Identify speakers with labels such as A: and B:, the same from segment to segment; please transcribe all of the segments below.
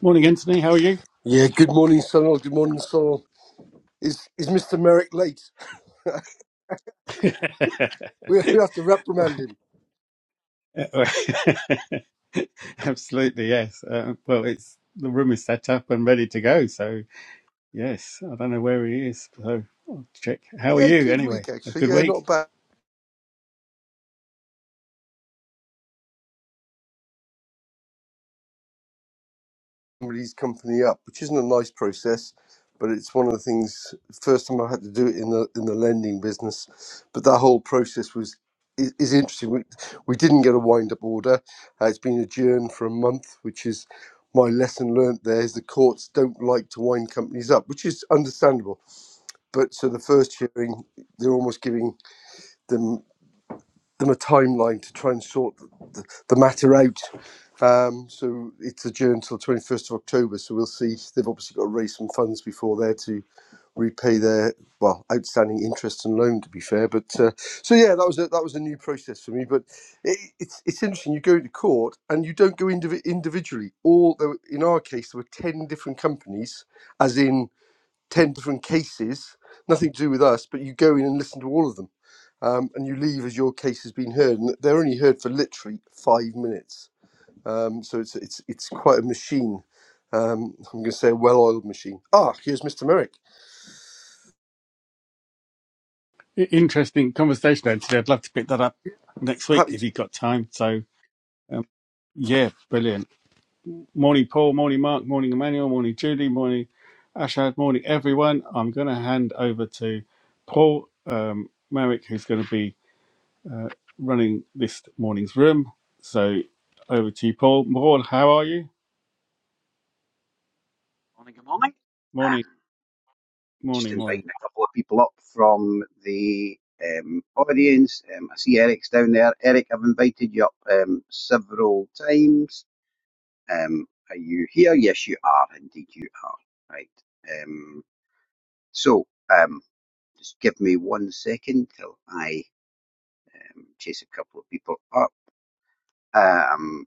A: Morning, Anthony. How are you?
B: Yeah, good morning, Sonal. Good morning, Sonal. Is is Mr. Merrick late? we we have to reprimand him.
A: Absolutely, yes. Uh, well, it's the room is set up and ready to go. So, yes, I don't know where he is. So, I'll check. How are
B: Yeah,
A: you
B: good week
A: anyway? A
B: actually.
A: good
B: Yeah,
A: week?
B: not bad. Somebody's company up, which isn't a nice process, but it's one of the things. First time I had to do it in the in the lending business, but that whole process was is, is interesting. We, we didn't get a wind up order. Uh, it's been adjourned for a month, which is my lesson learnt. There is the courts don't like to wind companies up, which is understandable. But so the first hearing, they're almost giving them them a timeline to try and sort the, the matter out. Um, so it's adjourned till twenty first of October. So we'll see. They've obviously got to raise some funds before there to repay their well outstanding interest and loan. To be fair, but uh, so yeah, that was a, that was a new process for me. But it, it's it's interesting. You go to court and you don't go indiv- individually. All there were, in our case there were ten different companies, as in ten different cases. Nothing to do with us, but you go in and listen to all of them um, and you leave as your case has been heard. And they're only heard for literally five minutes. Um, so it's it's it's quite a machine. Um, I'm going to say a well-oiled machine. Ah, here's Mr. Merrick.
A: I- Interesting conversation, Anthony. I'd love to pick that up next week
B: Happy
A: if
B: to.
A: you've got time. So, um, yeah, brilliant. Morning, Paul. Morning, Mark. Morning, Emmanuel. Morning, Julie. Morning, Ashad. Morning, everyone. I'm going to hand over to Paul um, Marrick, who's going to be running this morning's room. So over to you, Paul. Paul, how are you?
C: i
A: Morning,
C: just
A: morning, morning.
C: inviting a couple of people up from the um, audience. Um, I see Eric's down there. Eric, I've invited you up um, several times. Um, are you here? Yes, you are. Indeed, you are. Right. Um, so, um, just give me one second till I um, chase a couple of people up. Um,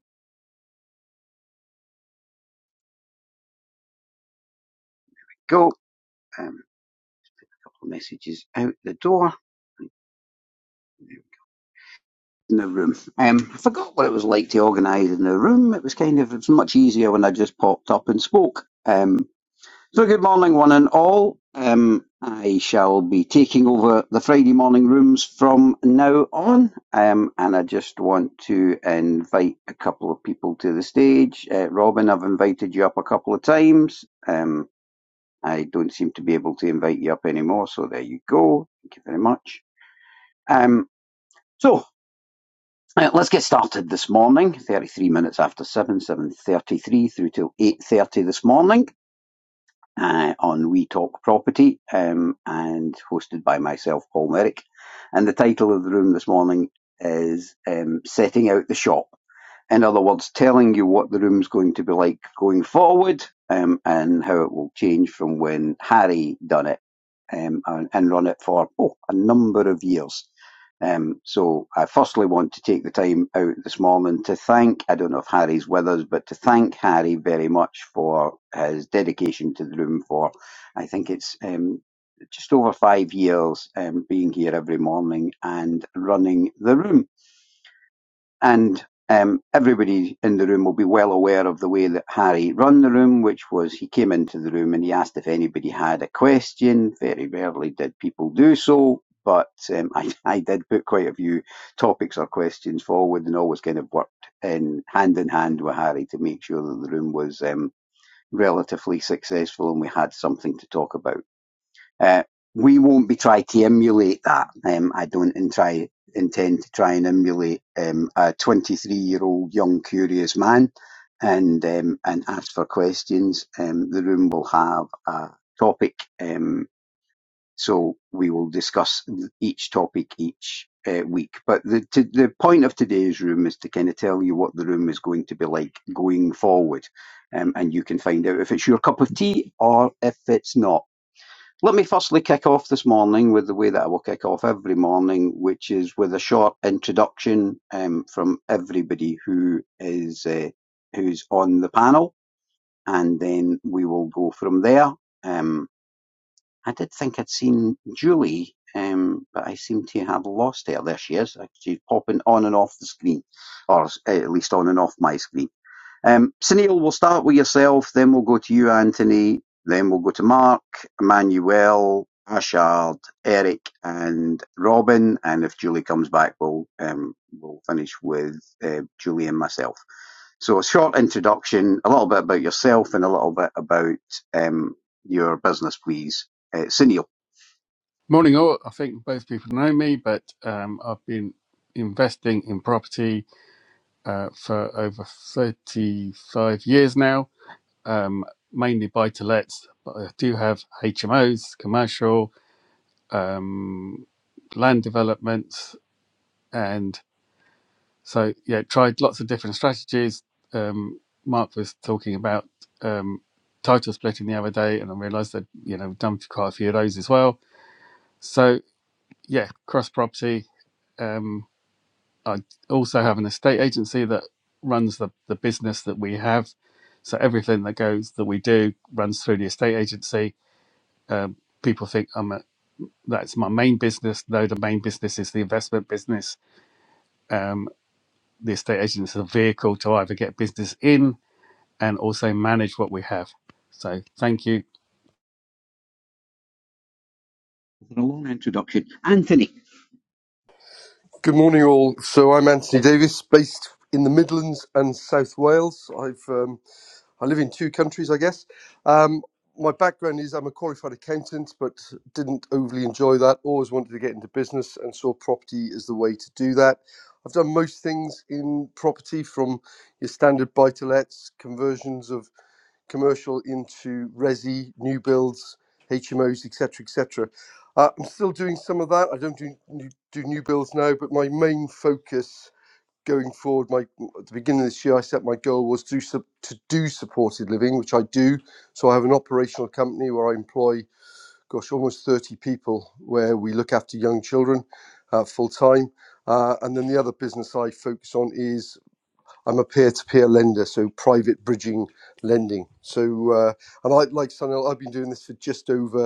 C: go. Um, a couple of messages out the door. There in the room. Um, I forgot what it was like to organise in the room. It was kind of it's much easier when I just popped up and spoke. Um, so good morning, one and all. Um, I shall be taking over the Friday morning rooms from now on, um, and I just want to invite a couple of people to the stage. Uh, Robin, I've invited you up a couple of times. Um, I don't seem to be able to invite you up anymore, so there you go. Thank you very much. Um, so Right, let's get started this morning. 33 minutes after 7, 7.33 through till 8.30 this morning uh, on We Talk Property um, and hosted by myself, Paul Merrick. And the title of the room this morning is um, Setting Out the Shop. In other words, telling you what the room's going to be like going forward um, and how it will change from when Harry done it um, and, and run it for oh, a number of years. Um, so I firstly want to take the time out this morning to thank, I don't know if Harry's with us, but to thank Harry very much for his dedication to the room for, I think it's um, just over five years um, being here every morning and running the room and um, everybody in the room will be well aware of the way that Harry run the room, which was he came into the room and he asked if anybody had a question. Very rarely did people do so, but um, I, I did put quite a few topics or questions forward and always kind of worked in hand in hand with Harry to make sure that the room was um, relatively successful and we had something to talk about. Uh, we won't be trying to emulate that. Um, I don't in try, intend to try and emulate um, a 23 year old young curious man and um, and ask for questions. Um, the room will have a topic, um, so we will discuss each topic each uh, week. But the to, the point of today's room is to kind of tell you what the room is going to be like going forward, um, and you can find out if it's your cup of tea or if it's not. Let me firstly kick off this morning with the way that I will kick off every morning, which is with a short introduction um, from everybody who is uh, who's on the panel, and then we will go from there. Um, I did think I'd seen Julie, um, but I seem to have lost her. There she is. She's popping on and off the screen, or uh, at least on and off my screen. Um, Sunil, we'll start with yourself, then we'll go to you, Anthony, then we'll go to Mark, Emmanuel, Ashard, Eric, and Robin. And if Julie comes back, we'll um, we'll finish with uh, Julie and myself. So, a short introduction, a little bit about yourself, and a little bit about um, your business, please. Uh, Sunil,
A: Morning, all. I think both people know me, but um, I've been investing in property uh, for over 35 years now, um, mainly buy to lets, but I do have HMOs, commercial, um, land developments. and. So yeah, tried lots of different strategies. Um, Mark was talking about um, title splitting the other day, and I realised that you know we've done quite a few of those as well. So yeah, cross property. Um, I also have an estate agency that runs the, the business that we have. So everything that goes that we do runs through the estate agency. Um, people think I'm a, that's my main business. No, the main business is the investment business. Um, the estate agent is a vehicle to either get business in and also manage what we have. So thank you.
C: a long introduction. Anthony,
B: Good morning, all. So I'm Anthony Davis, based in the Midlands and South Wales. I've um, I live in two countries, I guess. Um, my background is I'm a qualified accountant, but didn't overly enjoy that. Always wanted to get into business and saw property as the way to do that. I've done most things in property from your standard buy to lets, conversions of commercial into resi, new builds, HMOs, etc. etc. Uh, I'm still doing some of that. I don't do, do new builds now, but my main focus going forward, my at the beginning of this year, I set my goal was to to do supported living, which I do. So I have an operational company where I employ, gosh, almost thirty people, where we look after young children uh, full time. Uh, and then the other business I focus on is I'm a peer-to-peer lender, so private bridging lending. So uh, and I like Sunil, I've been doing this for just over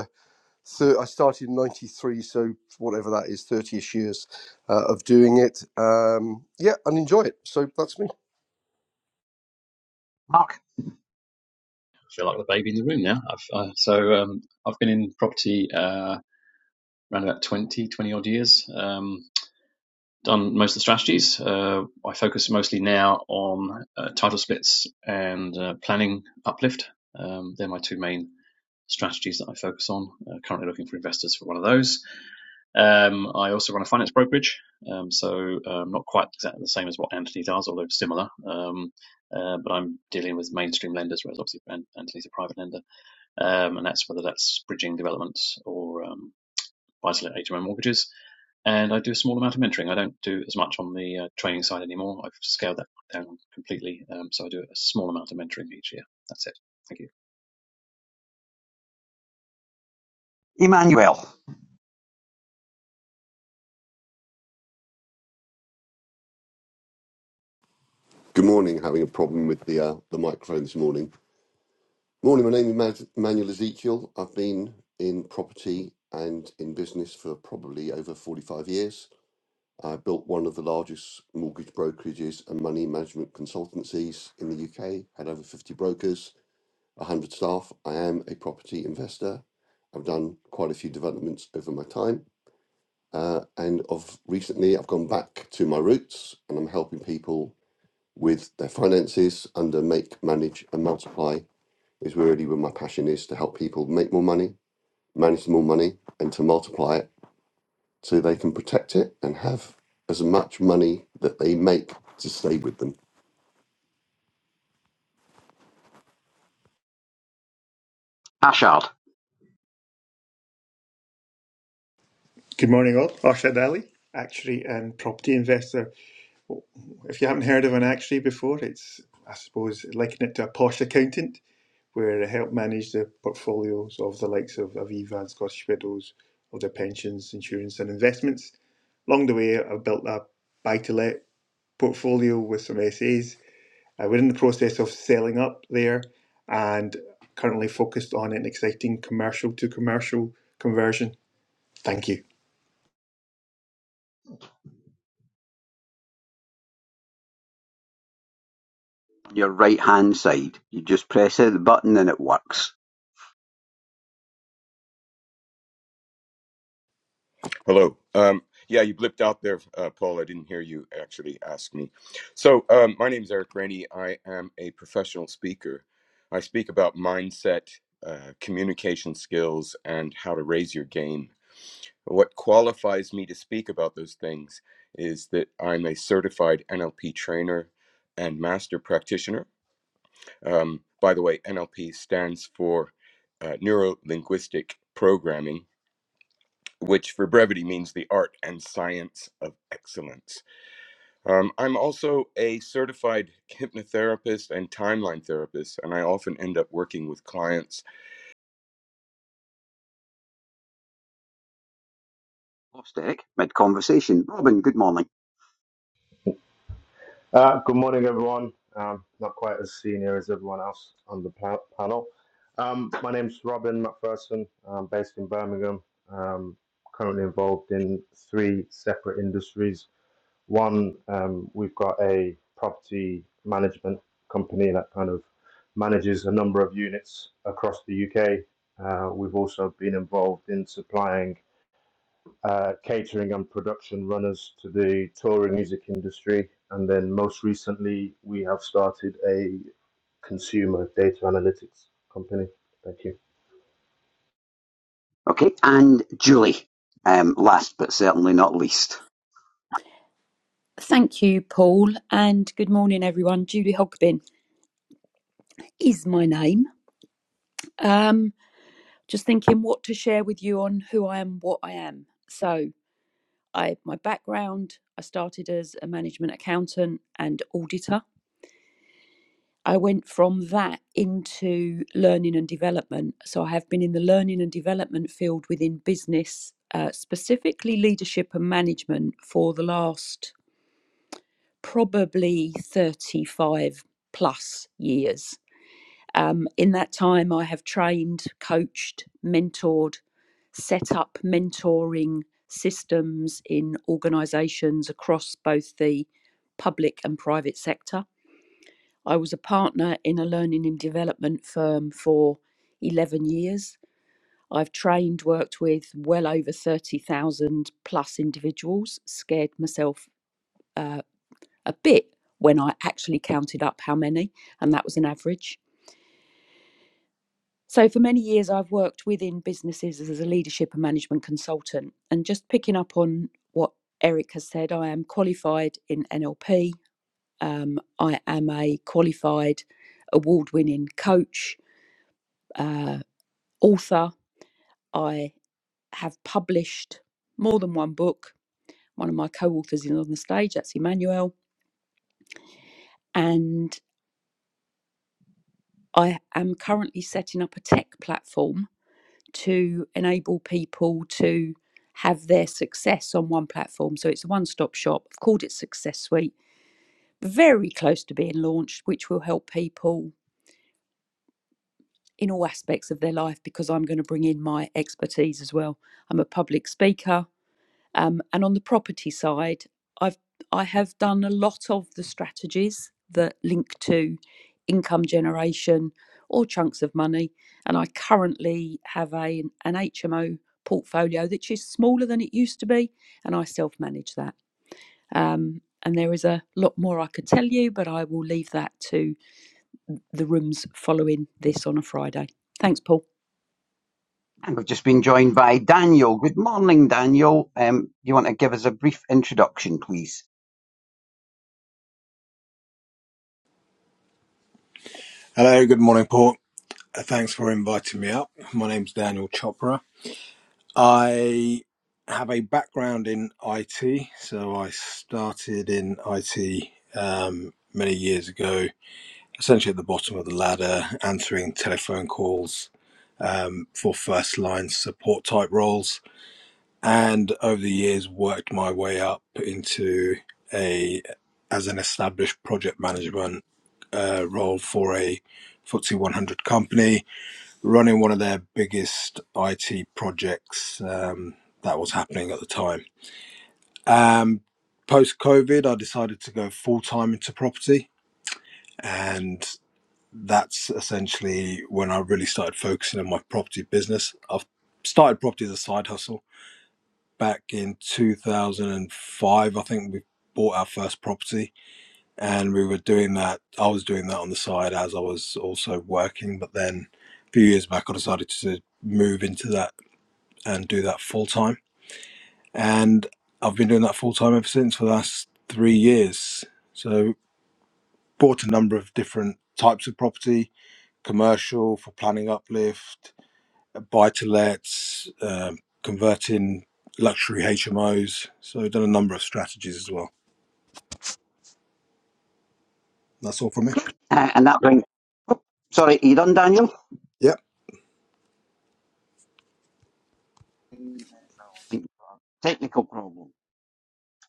B: thir- I started in '93, so whatever that is, 30ish years uh, of doing it. Um, yeah, and enjoy it. So that's me.
D: I feel like the baby in the room now. I've, uh, so um, I've been in property uh, around about 20, 20 odd years. Um, done most of the strategies. Uh, I focus mostly now on uh, title splits and uh, planning uplift. Um, they're my two main strategies that I focus on. Uh, currently looking for investors for one of those. Um, I also run a finance brokerage, um, so um, not quite exactly the same as what Anthony does, although similar. Um, uh, but I'm dealing with mainstream lenders, whereas obviously Anthony's a private lender um, and that's whether that's bridging developments or um, buy-to-let HMO mortgages. And I do a small amount of mentoring. I don't do as much on the uh, training side anymore. I've scaled that down completely. Um, so I do a small amount of mentoring each year. That's it. Thank you.
C: Emmanuel,
E: Good morning. Having a problem with the uh, the microphone this morning. Morning. My name is Mas- Manuel Ezekiel. I've been in property and in business for probably over forty five years. I built one of the largest mortgage brokerages and money management consultancies in the UK. Had over fifty brokers, one hundred staff. I am a property investor. I've done quite a few developments over my time, uh, and of recently, I've gone back to my roots, and I'm helping people with their finances under make, manage, and multiply is really where my passion is to help people make more money, manage more money, and to multiply it so they can protect it and have as much money that they make to stay with them.
C: Ashard,
F: Good morning, all. Arshad Ali, actuary and property investor. Well, If you haven't heard of an actuary before, it's, I suppose, liken it to a posh accountant where they help manage the portfolios of the likes of Aviva and Scottish Widows, of their pensions, insurance, and investments. Along the way, I've built a buy to let portfolio with some SAs. Uh, we're in the process of selling up there and currently focused on an exciting commercial to commercial conversion. Thank you.
C: your right hand side. You just press the button and it works.
G: Hello. Um, yeah, you blipped out there, uh, Paul. I didn't hear you actually ask me. So, um, my name is Eric Rennie. I am a professional speaker. I speak about mindset, uh, communication skills, and how to raise your game. What qualifies me to speak about those things is that I'm a certified NLP trainer and master practitioner. Um, by the way, NLP stands for uh, neuro linguistic programming which for brevity means the art and science of excellence. Um, I'm also a certified hypnotherapist and timeline therapist, and I often end up working with clients.
C: Lost Eric mid conversation. Robin, good morning.
H: Uh, good morning, everyone. Um, not quite as senior as everyone else on the pa- panel. Um, my name's Robin McPherson. I'm based in Birmingham. Um, currently involved in three separate industries. One, um, we've got a property management company that kind of manages a number of units across the UK. Uh, we've also been involved in supplying uh, catering and production runners to the touring music industry. And then most recently, we have started a consumer data analytics company. Thank you.
C: Okay, and Julie, um, last but certainly not least.
I: Thank you, Paul, and good morning, everyone. Julie Hogbin is my name. Um, just thinking what to share with you on who I am, what I am. So, I my background. I started as a management accountant and auditor. I went from that into learning and development. So, I have been in the learning and development field within business, uh, specifically leadership and management, for the last probably thirty-five plus years Um, in that time, I have trained, coached, mentored, set up mentoring systems in organisations across both the public and private sector. I was a partner in a learning and development firm for 11 years. I've trained, worked with well over 30,000 plus individuals, scared myself uh, a bit when I actually counted up how many, and that was an average. So, for many years, I've worked within businesses as a leadership and management consultant. And just picking up on what Eric has said, I am qualified in NLP. Um, I am a qualified award winning coach, uh, author. I have published more than one book. One of my co authors is on the stage, that's Emmanuel. And I am currently setting up a tech platform to enable people to have their success on one platform. So it's a one stop shop. I've called it Success Suite, very close to being launched, which will help people in all aspects of their life because I'm going to bring in my expertise as well. I'm a public speaker, um, and on the property side, I've I have done a lot of the strategies that link to income generation or chunks of money. And I currently have a an HMO portfolio that is smaller than it used to be, and I self manage that. Um, and there is a lot more I could tell you, but I will leave that to the rooms following this on a Friday. Thanks, Paul.
C: And we've just been joined by Daniel. Good morning, Daniel. Um, you want to give us a brief introduction, please?
J: Hello, good morning, Paul. Uh, Thanks for inviting me up. My name's Daniel Chopra. I have a background in IT, so I started in IT um, many years ago, essentially at the bottom of the ladder, answering telephone calls um, for first line support type roles, and over the years worked my way up into a as an established project management uh, role for a FTSE 100 company running one of their biggest IT projects um, that was happening at the time. Um, Post COVID, I decided to go full time into property, and that's essentially when I really started focusing on my property business. I've started property as a side hustle back in 2005. I think we bought our first property, and we were doing that. I was doing that on the side as I was also working, but then a few years back, I decided to move into that and do that full time. And I've been doing that full time ever since for the last three years. So bought a number of different types of property, commercial for planning uplift, buy to lets, um, converting luxury HMOs. So done a number of strategies as well. That's all from me.
C: Uh, and that brings. Sorry, are you done, Daniel?
J: Yep.
C: Technical problem.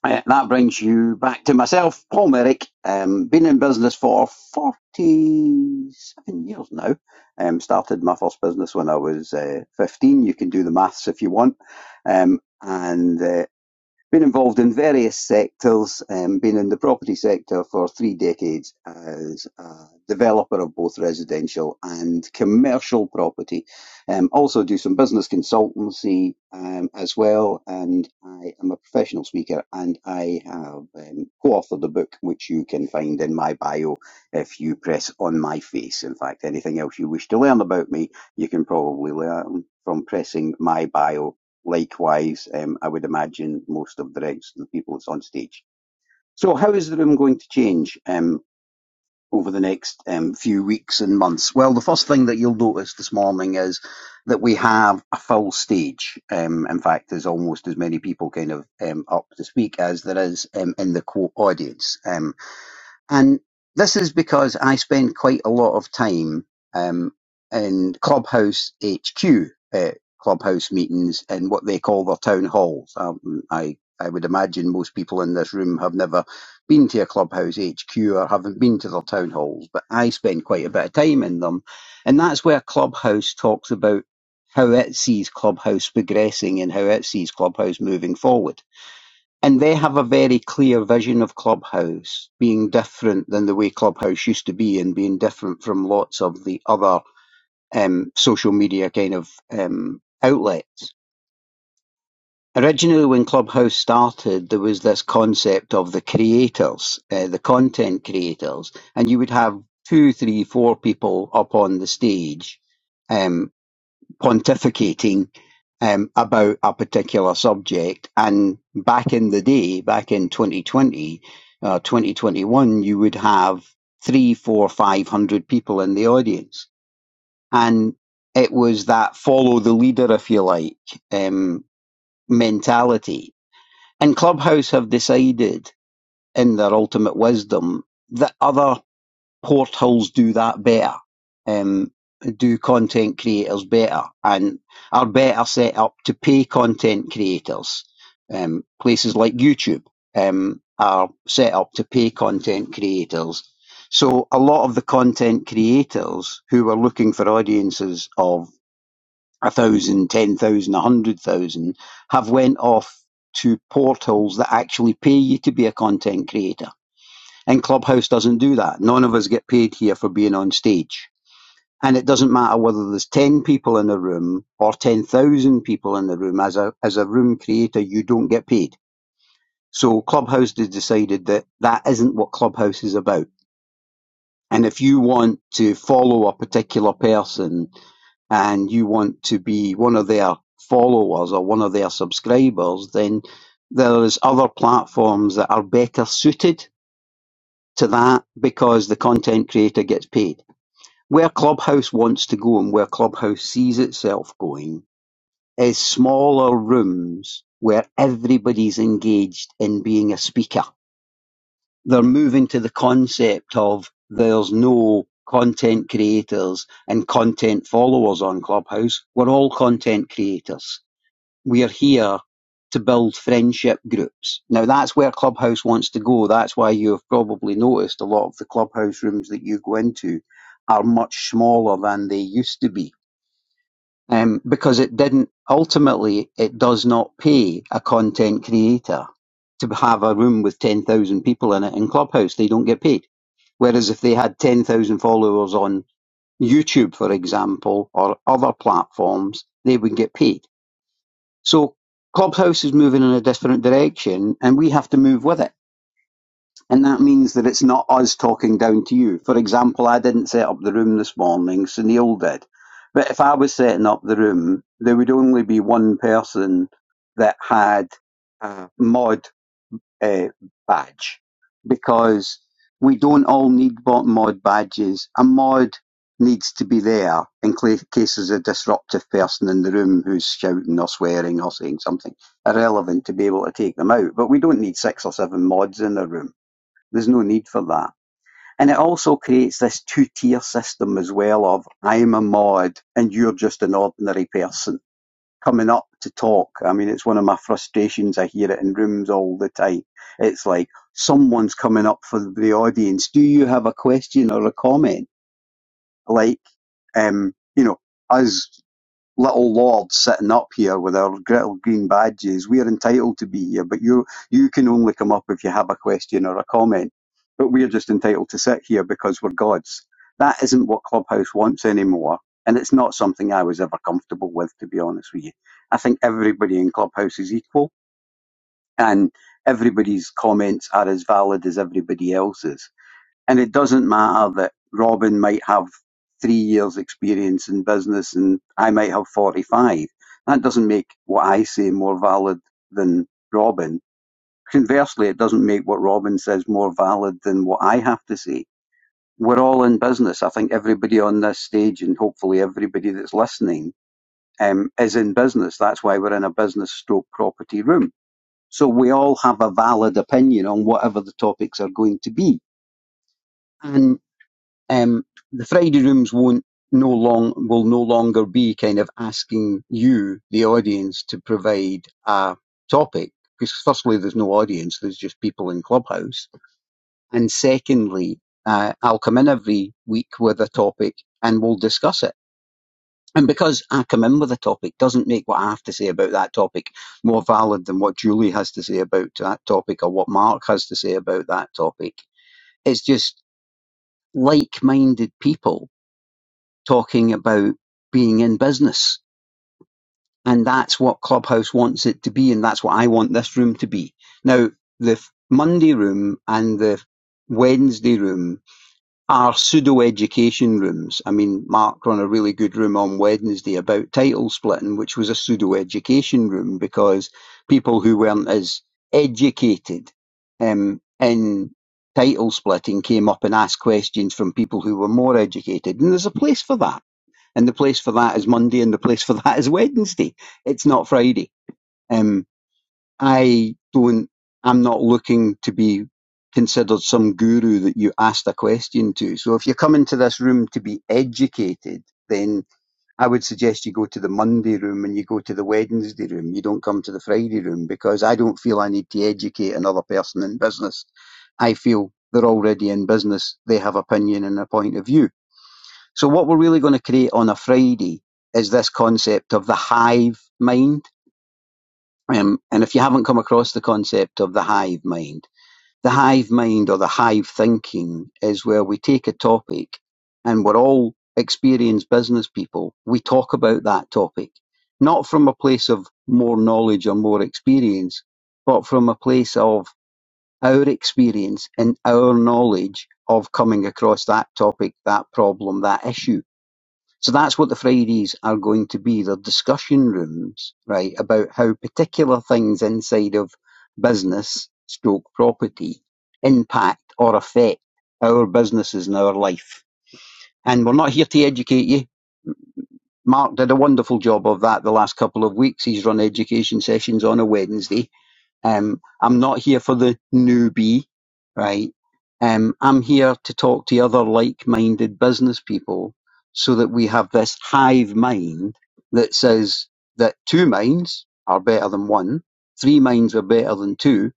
C: Uh, that brings you back to myself, Paul Merrick. Um, been in business for 47 years now. Um, started my first business when I was uh, 15. You can do the maths if you want. Um, and uh, been involved in various sectors, um, been in the property sector for three decades as a developer of both residential and commercial property. Um, also do some business consultancy um, as well, and I am a professional speaker and I have um, co-authored a book which you can find in my bio if you press on my face. In fact, anything else you wish to learn about me, you can probably learn from pressing my bio Likewise, um, I would imagine most of the rest of the people that's on stage. So, how is the room going to change um, over the next um, few weeks and months? Well, the first thing that you'll notice this morning is that we have a full stage. Um, in fact, there's almost as many people kind of um, up to speak as there is um, in the co audience. Um, and this is because I spend quite a lot of time um, in Clubhouse HQ, uh, Clubhouse meetings, and what they call their town halls. Um, I I would imagine most people in this room have never been to a Clubhouse HQ or haven't been to their town halls, but I spend quite a bit of time in them, and that's where Clubhouse talks about how it sees Clubhouse progressing and how it sees Clubhouse moving forward. And they have a very clear vision of Clubhouse being different than the way Clubhouse used to be and being different from lots of the other um, social media kind of um, outlets. Originally, when Clubhouse started, there was this concept of the creators, uh, the content creators, and you would have two, three, four people up on the stage um, pontificating um, about a particular subject. And back in the day, back in 2020, uh, 2021, you would have three, four, five hundred people in the audience. And it was that follow the leader, if you like, um, mentality. And Clubhouse have decided in their ultimate wisdom that other portals do that better, um, do content creators better, and are better set up to pay content creators. Um, places like YouTube um, are set up to pay content creators. So a lot of the content creators who are looking for audiences of a thousand, ten thousand, a hundred thousand have went off to portals that actually pay you to be a content creator and Clubhouse doesn't do that. None of us get paid here for being on stage. And it doesn't matter whether there's 10 people in the room or 10,000 people in the room. As a, as a room creator, you don't get paid. So Clubhouse has decided that that isn't what Clubhouse is about. And if you want to follow a particular person and you want to be one of their followers or one of their subscribers, then there's other platforms that are better suited to that because the content creator gets paid. Where Clubhouse wants to go and where Clubhouse sees itself going is smaller rooms where everybody's engaged in being a speaker. They're moving to the concept of there's no content creators and content followers on Clubhouse. We're all content creators we're here to build friendship groups. Now that's where Clubhouse wants to go. That's why you have probably noticed a lot of the Clubhouse rooms that you go into are much smaller than they used to be. Um, because it didn't, ultimately, it does not pay a content creator to have a room with 10,000 people in it in Clubhouse. They don't get paid. Whereas if they had 10,000 followers on YouTube, for example, or other platforms, they would get paid so Clubhouse is moving in a different direction and we have to move with it. And that means that it's not us talking down to you. For example, I didn't set up the room this morning, Sunil did. But if I was setting up the room, there would only be one person that had a mod uh, badge because we don't all need mod badges. A mod needs to be there in cla- case there's a disruptive person in the room who's shouting or swearing or saying something irrelevant to be able to take them out. But we don't need six or seven mods in a room. There's no need for that. And it also creates this two tier system as well of I'm a mod and you're just an ordinary person coming up to talk. I mean, it's one of my frustrations. I hear it in rooms all the time. It's like someone's coming up for the audience. Do you have a question or a comment? Like, um, you know, us little lords sitting up here with our little green badges. We're entitled to be here, but you you can only come up if you have a question or a comment. But we're just entitled to sit here because we're gods. That isn't what Clubhouse wants anymore. And it's not something I was ever comfortable with, to be honest with you. I think everybody in Clubhouse is equal and everybody's comments are as valid as everybody else's. And it doesn't matter that Robin might have three years' experience in business and I might have 45. That doesn't make what I say more valid than Robin. Conversely, it doesn't make what Robin says more valid than what I have to say. We're all in business. I think everybody on this stage and hopefully everybody that's listening um, is in business. That's why we're in a business stroke property room. So we all have a valid opinion on whatever the topics are going to be. and. um, the Friday rooms won't no long will no longer be kind of asking you, the audience, to provide a topic because firstly, there's no audience; there's just people in Clubhouse, and secondly, uh, I'll come in every week with a topic and we'll discuss it. And because I come in with a topic doesn't make what I have to say about that topic more valid than what Julie has to say about that topic or what Mark has to say about that topic. It's just like minded people talking about being in business. And that's what Clubhouse wants it to be. And that's what I want this room to be. Now, the Monday room and the Wednesday room are pseudo education rooms. I mean, Mark ran a really good room on Wednesday about title splitting, which was a pseudo education room because people who weren't as educated um, in title splitting came up and asked questions from people who were more educated. And there's a place for that and the place for that is Monday, and the place for that is Wednesday. It's not Friday. Um, I don't. I'm not looking to be considered some guru that you asked a question to. So if you come into this room to be educated, then I would suggest you go to the Monday room and you go to the Wednesday room. You don't come to the Friday room because I don't feel I need to educate another person in business. I feel they're already in business. They have opinion and a point of view. So what we're really going to create on a Friday is this concept of the hive mind. Um, and if you haven't come across the concept of the hive mind, the hive mind or the hive thinking is where we take a topic and we're all experienced business people. We talk about that topic, not from a place of more knowledge or more experience, but from a place of our experience and our knowledge of coming across that topic, that problem, that issue so that's what the Fridays are going to be. They're discussion rooms, right, about how particular things inside of business stroke property impact or affect our businesses and our life. And we're not here to educate you. Mark did a wonderful job of that the last couple of weeks. He's run education sessions on a Wednesday um, I'm not here for the newbie, right? Um, I'm here to talk to other like-minded business people so that we have this hive mind that says that two minds are better than one, three minds are better than two,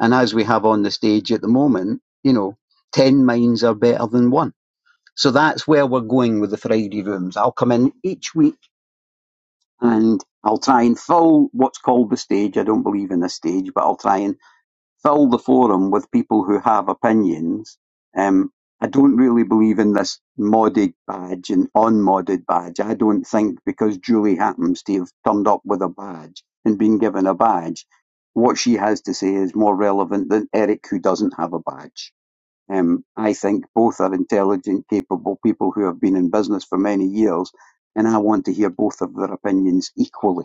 C: and as we have on the stage at the moment, you know, ten minds are better than one. So that's where we're going with the Friday rooms. I'll come in each week and I'll try and fill what's called the stage. I don't believe in a stage, but I'll try and fill the forum with people who have opinions. Um, I don't really believe in this modded badge and unmodded badge. I don't think because Julie happens to have turned up with a badge and been given a badge, what she has to say is more relevant than Eric who doesn't have a badge. Um, I think both are intelligent, capable people who have been in business for many years, and I want to hear both of their opinions equally.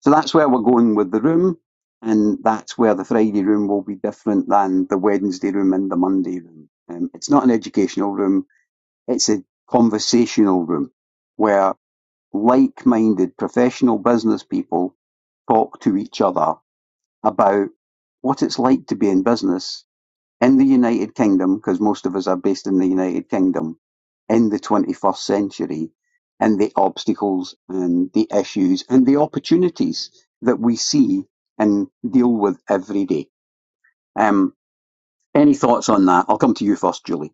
C: So that's where we're going with the room, and that's where the Friday room will be different than the Wednesday room and the Monday room. Um, it's not an educational room, it's a conversational room where like minded professional business people talk to each other about what it's like to be in business in the United Kingdom, because most of us are based in the United Kingdom, in the 21st century, and the obstacles and the issues and the opportunities that we see and deal with every day. Um, any thoughts on that? I'll come to you first, Julie.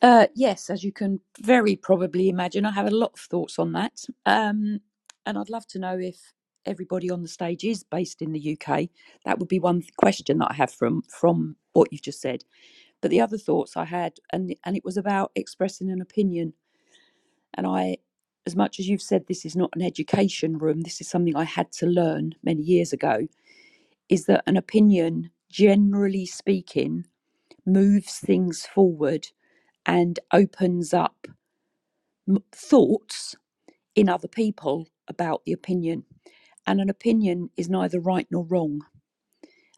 I: Uh, yes, as you can very probably imagine, I have a lot of thoughts on that. Um, and I'd love to know if everybody on the stage is based in the UK. That would be one th- question that I have from from what you've just said. But the other thoughts I had, and and it was about expressing an opinion. And I, as much as you've said, this is not an education room. This is something I had to learn many years ago. Is that an opinion, generally speaking, moves things forward and opens up m- thoughts in other people about the opinion. And an opinion is neither right nor wrong.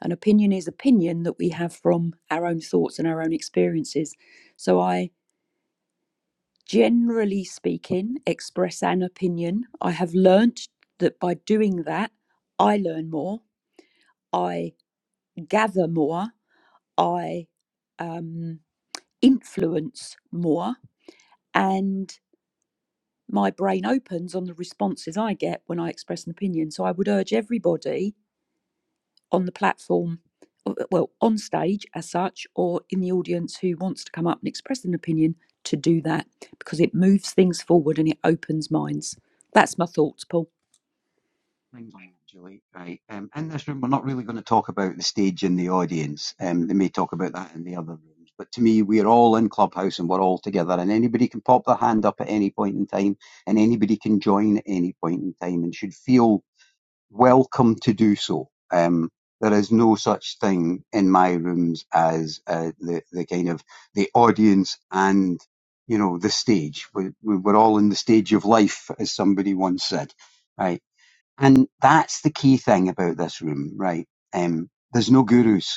I: An opinion is opinion that we have from our own thoughts and our own experiences. So I generally speaking express an opinion. I have learnt that by doing that, I learn more, I gather more, I um, influence more, And. my brain opens on the responses I get when I express an opinion. So I would urge everybody on the platform, uh, uh, well, on stage as such, or in the audience who wants to come up and express an opinion to do that because it moves things forward and it opens minds. That's my thoughts, Paul.
C: things on that, Julie. Right. Um, in this room, we're not really going to talk about the stage and the audience. Um, they may talk about that in the other rooms. But to me, we're all in Clubhouse and we're all together, and anybody can pop their hand up at any point in time, and anybody can join at any point in time and should feel welcome to do so. Um, there is no such thing in my rooms as uh, the, the kind of the audience and you know the stage. We, we- we're all in the stage of life, as somebody once said. right. And that's the key thing about this room, right? Um, there's no gurus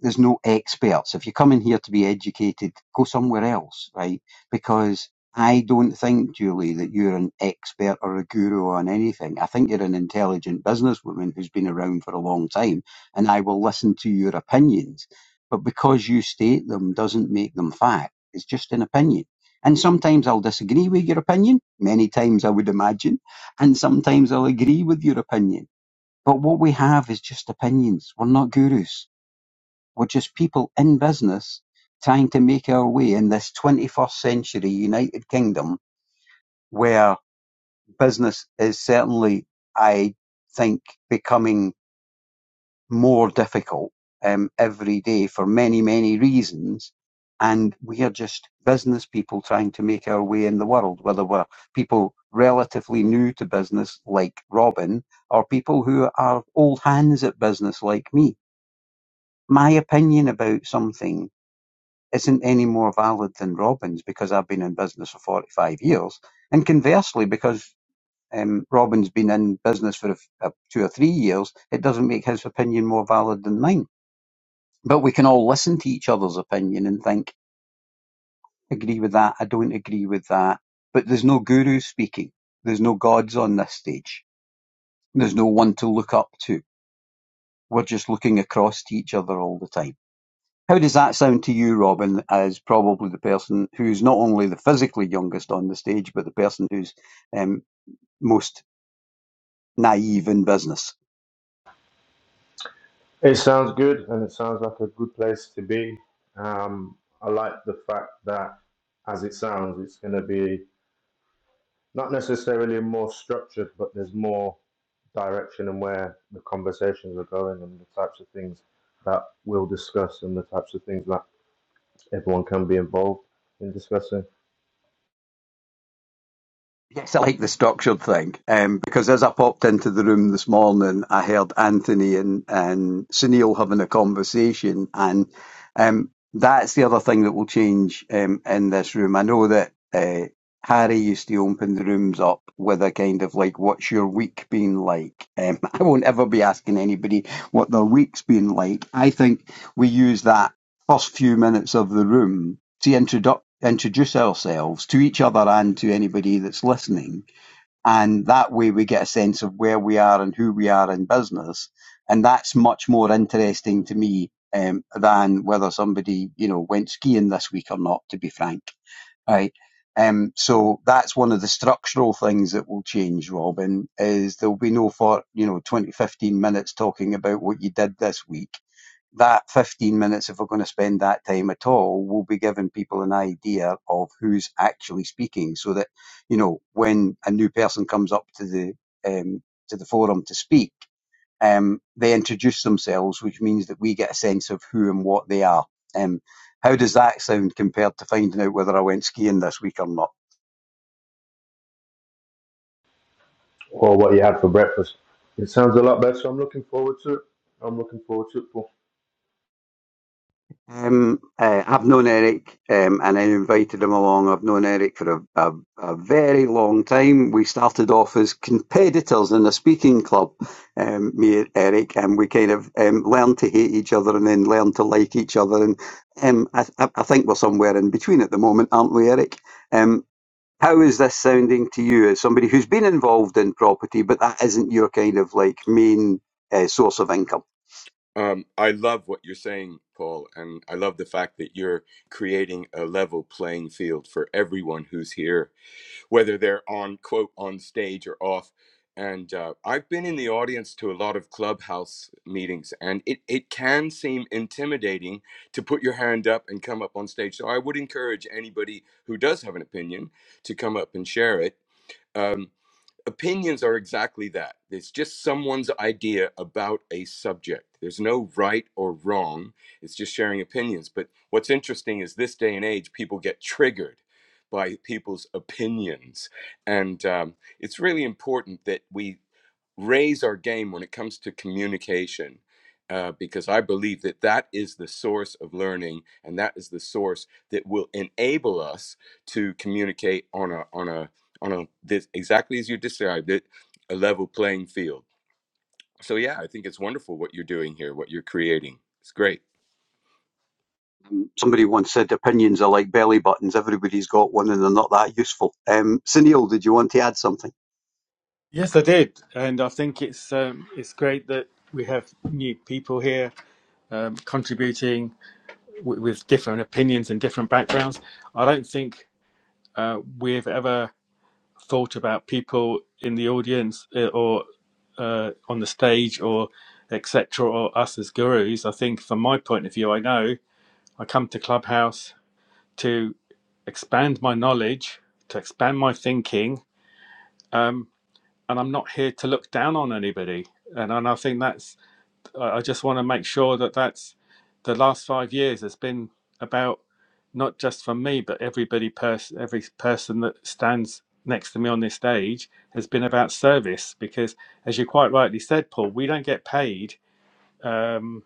C: there's no experts. If you come in here to be educated, go somewhere else, right? Because I don't think, Julie, that you're an expert or a guru on anything. I think you're an intelligent businesswoman who's been around for a long time, and I will listen to your opinions. But because you state them doesn't make them fact. It's just an opinion. And sometimes I'll disagree with your opinion, many times I would imagine, and sometimes I'll agree with your opinion. But what we have is just opinions. We're not gurus we're just people in business trying to make our way in this 21st century United Kingdom where business is certainly, I think, becoming more difficult um, every day for many, many reasons. And we are just business people trying to make our way in the world, whether we're people relatively new to business like Robin or people who are old hands at business like me. My opinion about something isn't any more valid than Robin's because I've been in business for 45 years. And conversely, because um, Robin's been in business for a f- uh, two or three years, it doesn't make his opinion more valid than mine. But we can all listen to each other's opinion and think, agree with that, I don't agree with that. But there's no guru speaking. There's no gods on this stage. There's no one to look up to. We're just looking across to each other all the time. How does that sound to you, Robin, as probably the person who's not only the physically youngest on the stage, but the person who's um, most naive in business?
H: It sounds good and it sounds like a good place to be. Um, I like the fact that, as it sounds, it's going to be not necessarily more structured, but there's more direction and where the conversations are going and the types of things that we'll discuss and the types of things that Everyone can be involved in discussing
C: Yes, I like the structured thing um, because as I popped into the room this morning, I heard Anthony and, and Sunil having a conversation, and um, that's the other thing that will change um, in this room. I know that uh, Harry used to open the rooms up with a kind of like, "What's your week been like?" Um, I won't ever be asking anybody what their week's been like. I think we use that first few minutes of the room to introdu- introduce ourselves to each other and to anybody that's listening. And that way we get a sense of where we are and who we are in business. And that's much more interesting to me um, than whether somebody, you know, went skiing this week or not, to be frank. Right. Um, so that's one of the structural things that will change, Robin, is there'll be no for, you know, 20 15 minutes talking about what you did this week that 15 minutes, if we're going to spend that time at all, will be giving people an idea of who's actually speaking so that, you know, when a new person comes up to the, um, to the forum to speak, um, they introduce themselves, which means that we get a sense of who and what they are. Um, how does that sound compared to finding out whether I went skiing this week or not?
H: or what you had for breakfast. It sounds a lot better. so I'm looking forward to it. I'm looking forward to it. Paul.
C: Um, uh, I've known Eric, um, and I invited him along. I've known Eric for a, a, a very long time. We started off as competitors in a speaking club, um, me and Eric, and we kind of um, learned to hate each other and then learned to like each other. And um, I, I I think we're somewhere in between at the moment, aren't we, Eric? Um, how is this sounding to you as somebody who's been involved in property, but that isn't your kind of like main uh, source of income?
G: Um, I love what you're saying, Paul, and I love the fact that you're creating a level playing field for everyone who's here whether they're on quote on stage or off. And uh, I've been in the audience to a lot of clubhouse meetings, and it, it can seem intimidating to put your hand up and come up on stage. So I would encourage anybody who does have an opinion to come up and share it. Um, opinions are exactly that. It's just someone's idea about a subject. There's no right or wrong. It's just sharing opinions. But what's interesting is this day and age, people get triggered by people's opinions, and um, it's really important that we raise our game when it comes to communication uh, because I believe that that is the source of learning and that is the source that will enable us to communicate on a on a on a this exactly as you described it a level playing field. So yeah, I think it's wonderful what you're doing here, what you're creating. It's great.
C: Um, Somebody once said opinions are like belly buttons. Everybody's got one and they're not that useful. Um, Sunil, did you want to add something?
A: Yes, I did, and I think it's um, it's great that we have new people here um, contributing w- with different opinions and different backgrounds. I don't think uh, we've ever thought about people in the audience uh, or uh, on the stage or etc. or us as gurus. I think, from my point of view, I know I come to Clubhouse to expand my knowledge, to expand my thinking. um, and I'm not here to look down on anybody. And, and I think that's, I just want to make sure that that's the last five years has been about not just for me, but everybody, pers- every person that stands next to me on this stage has been about service. Because as you quite rightly said, Paul, we don't get paid um,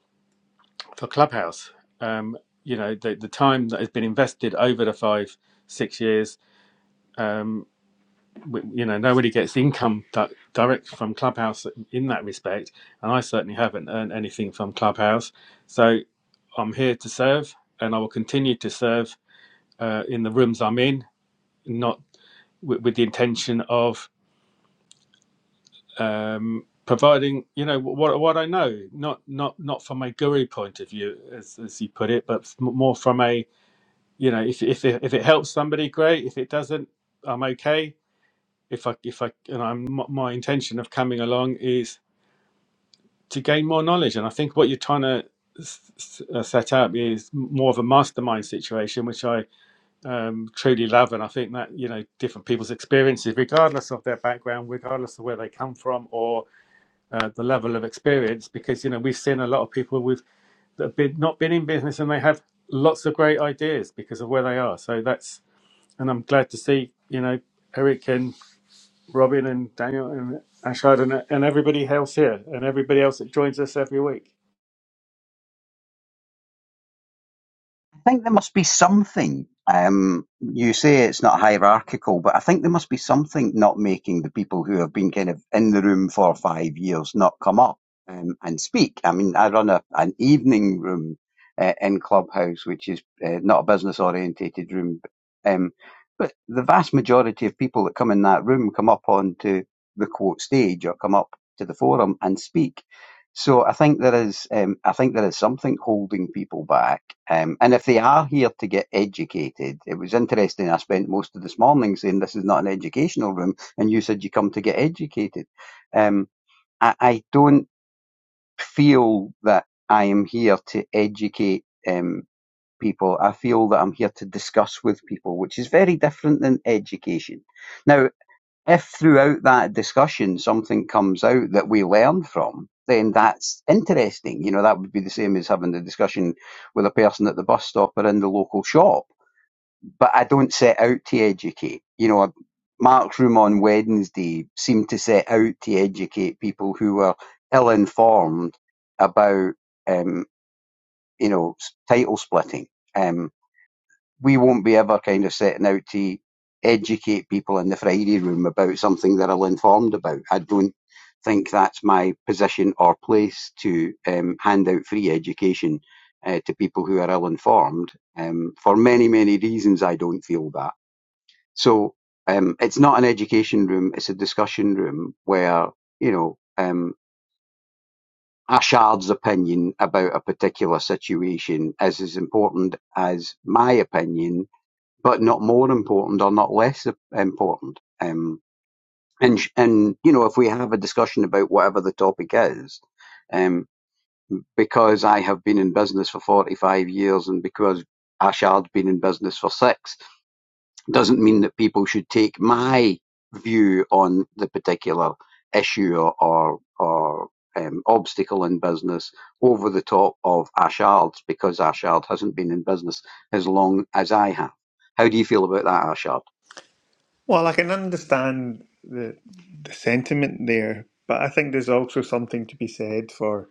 A: for Clubhouse. Um, you know, the, the time that has been invested over the five, six years. Um, w- you know nobody gets income di- direct from clubhouse in that respect and i certainly haven't earned anything from clubhouse so i'm here to serve and i will continue to serve uh, in the rooms i'm in not with with the intention of um, providing you know what, what i know not not not from a guru point of view as, as you put it but f- more from a you know if, if, it, if it helps somebody great if it doesn't i'm okay if I if I and I'm my my intention of coming along is to gain more knowledge, and I think what you're trying to s- s- uh, set up is more of a mastermind situation, which I um, truly love, and I think that you know different people's experiences, regardless of their background, regardless of where they come from or uh, the level of experience, because you know we've seen a lot of people with that have been not been in business and they have lots of great ideas because of where they are. So that's and I'm glad to see you know Eric and Robin and Daniel and Ashad and, and everybody else here and everybody else that joins us every week.
C: I think there must be something. Um, you say it's not hierarchical, but I think there must be something not making the people who have been kind of in the room for five years not come up um, and speak. I mean, I run a, an evening room uh, in Clubhouse, which is uh, not a business orientated room. Um, but the vast majority of people that come in that room come up onto the quote stage or come up to the forum and speak. So I think there is, um, I think there is something holding people back, um, and if they are here to get educated, it was interesting. I spent most of this morning saying this is not an educational room, and you said you come to get educated. Um, I, I don't feel that I am here to educate um, people. I feel that I'm here to discuss with people, which is very different than education. Now, if throughout that discussion something comes out that we learn from, then that's interesting. You know, that would be the same as having the discussion with a person at the bus stop or in the local shop. But I don't set out to educate. You know, Mark's room on Wednesday seemed to set out to educate people who were ill informed about, um, you know, title splitting. Um, we won't be ever kind of setting out to educate people in the Friday room about something they're ill-informed about. I don't think that's my position or place to um, hand out free education uh, to people who are ill-informed. Um, for many, many reasons, I don't feel that. So um, it's not an education room; it's a discussion room where you know. Um, Ashard's opinion about a particular situation is as important as my opinion but not more important or not less important. Um, and and you know, if we have a discussion about whatever the topic is, um, because I have been in business for forty five years, and because Ashard's been in business for six, doesn't mean that people should take my view on the particular issue or or, or um, obstacle in business over the top of Ashard's because Ashard hasn't been in business as long as I have. How do you feel about that, Ashard?
F: Well, I can understand the the sentiment there, but I think there's also something to be said for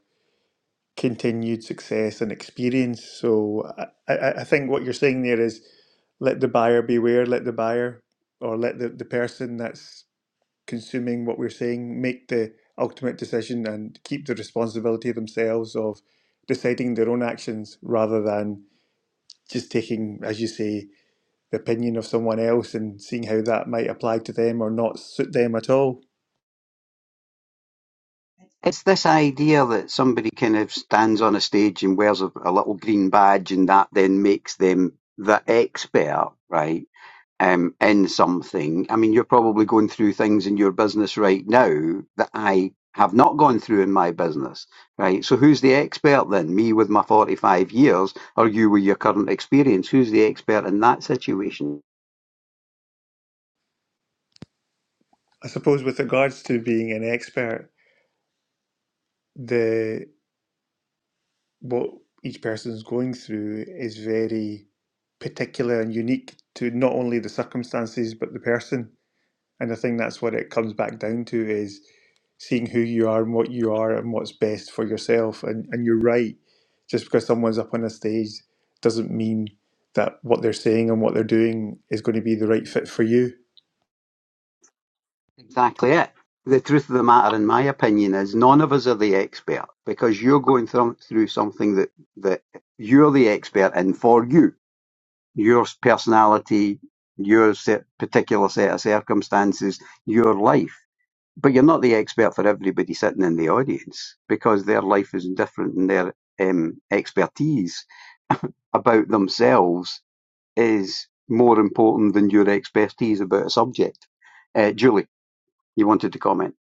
F: continued success and experience. So I, I, I think what you're saying there is let the buyer beware, let the buyer or let the, the person that's consuming what we're saying make the ultimate decision and keep the responsibility themselves of deciding their own actions rather than just taking, as you say, the opinion of someone else and seeing how that might apply to them or not suit them at all.
C: It's this idea that somebody kind of stands on a stage and wears a, a little green badge, and that then makes them the expert, right? um, in something. I mean, you're probably going through things in your business right now that I have not gone through in my business, right? So who's the expert then? Me with my 45 years or you with your current experience? Who's the expert in that situation?
F: I suppose with regards to being an expert, the what each person's going through is very particular and unique to not only the circumstances but the person. And I think that's what it comes back down to is seeing who you are and what you are and what's best for yourself. And and you're right. Just because someone's up on a stage doesn't mean that what they're saying and what they're doing is going to be the right fit for you
C: Exactly it. The truth of the matter, in my opinion, is none of us are the expert because you're going through, through something that, that you're the expert in for you. Your personality, your set, particular set of circumstances, your life. But you're not the expert for everybody sitting in the audience because their life is different and their um, expertise about themselves is more important than your expertise about a subject. Uh, Julie. You wanted to comment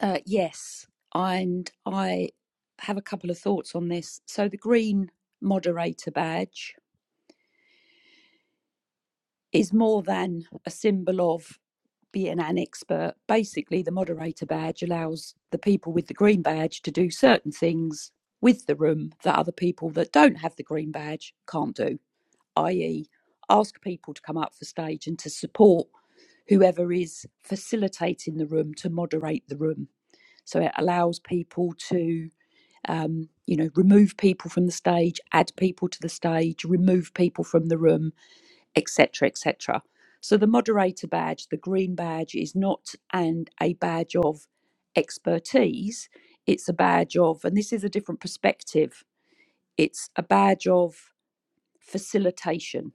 I: Uh, yes, and I have a couple of thoughts on this. So the green moderator badge is more than a symbol of being an expert, basically the moderator badge allows the people with the green badge to do certain things with the room that other people that don't have the green badge can't do, i.e., ask people to come up for stage and to support whoever is facilitating the room to moderate the room. So it allows people to, um, you know, remove people from the stage, add people to the stage, remove people from the room, etc., etc. So the moderator badge, the green badge, is not and a badge of expertise. It's a badge of, and this is a different perspective. It's a badge of facilitation.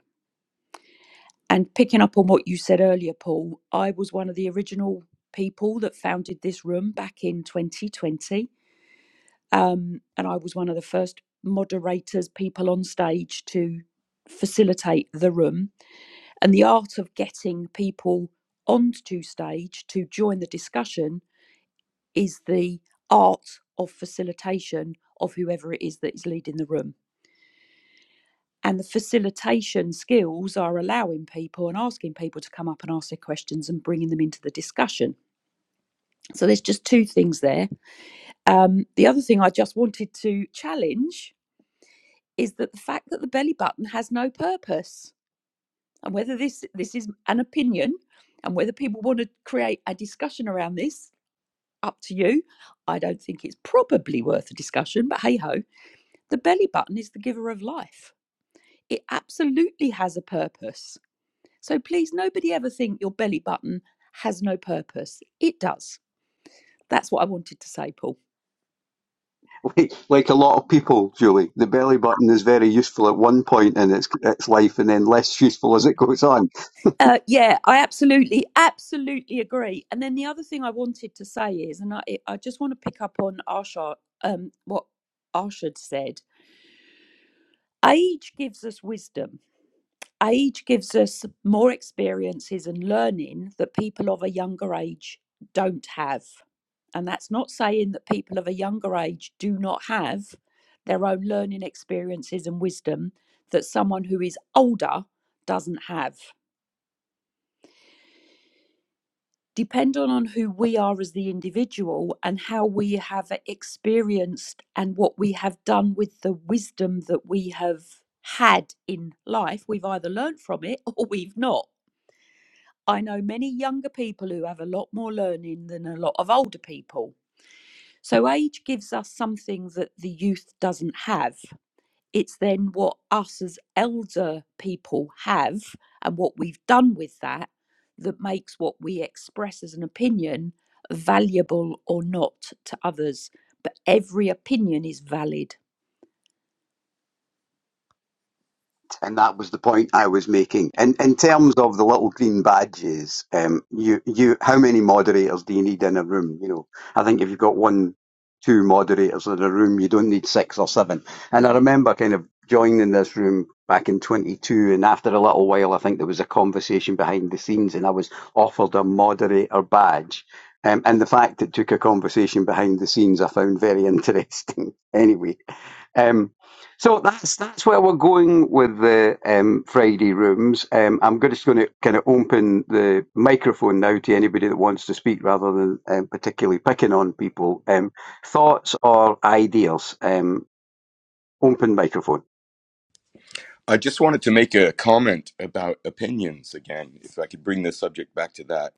I: And picking up on what you said earlier, Paul, I was one of the original people that founded this room back in 2020, um, and I was one of the first moderators, people on stage to facilitate the room And the art of getting people onto stage to join the discussion is the art of facilitation of whoever it is that is leading the room. And the facilitation skills are allowing people and asking people to come up and ask their questions and bringing them into the discussion. So there's just two things there. Um, the other thing I just wanted to challenge is that the fact that the belly button has no purpose, and whether this this is an opinion, and whether people want to create a discussion around this up to you. I don't think it's probably worth a discussion, but hey ho, the belly button is the giver of life. It absolutely has a purpose. So please, nobody ever think your belly button has no purpose. It does. That's what I wanted to say, Paul.
C: like, like a lot of people, Julie, the belly button is very useful at one point in its its life, and then less useful as it goes on.
I: Uh, yeah, I absolutely, absolutely agree. And then the other thing I wanted to say is, and I, I just want to pick up on Arsha, um, what Arshad said. Age gives us wisdom age gives us more experiences and learning that people of a younger age don't have. And that's not saying that people of a younger age do not have their own learning experiences and wisdom that someone who is older doesn't have. Depending on who we are as the individual and how we have experienced and what we have done with the wisdom that we have had in life, we've either learned from it or we've not I know many younger people who have a lot more learning than a lot of older people. So, age gives us something that the youth doesn't have. It's then what us as elder people have and what we've done with that that makes what we express as an opinion valuable or not to others. But every opinion is valid.
C: and that was the point I was making. In in terms of the little green badges, um, you you how many moderators do you need in a room? You know, I think if you've got one, two moderators in a room, you don't need six or seven. And I remember kind of joining this room back in 22, and after a little while, I think there was a conversation behind the scenes, and I was offered a moderator badge. Um, and the fact it took a conversation behind the scenes, I found very interesting. anyway, um, so that's that's where we're going with the um, Friday rooms. Um, I'm go- just going to kind of open the microphone now to anybody that wants to speak, rather than um, particularly picking on people. Um, thoughts or ideas? Um, open microphone.
G: I just wanted to make a comment about opinions again, if I could bring the subject back to that.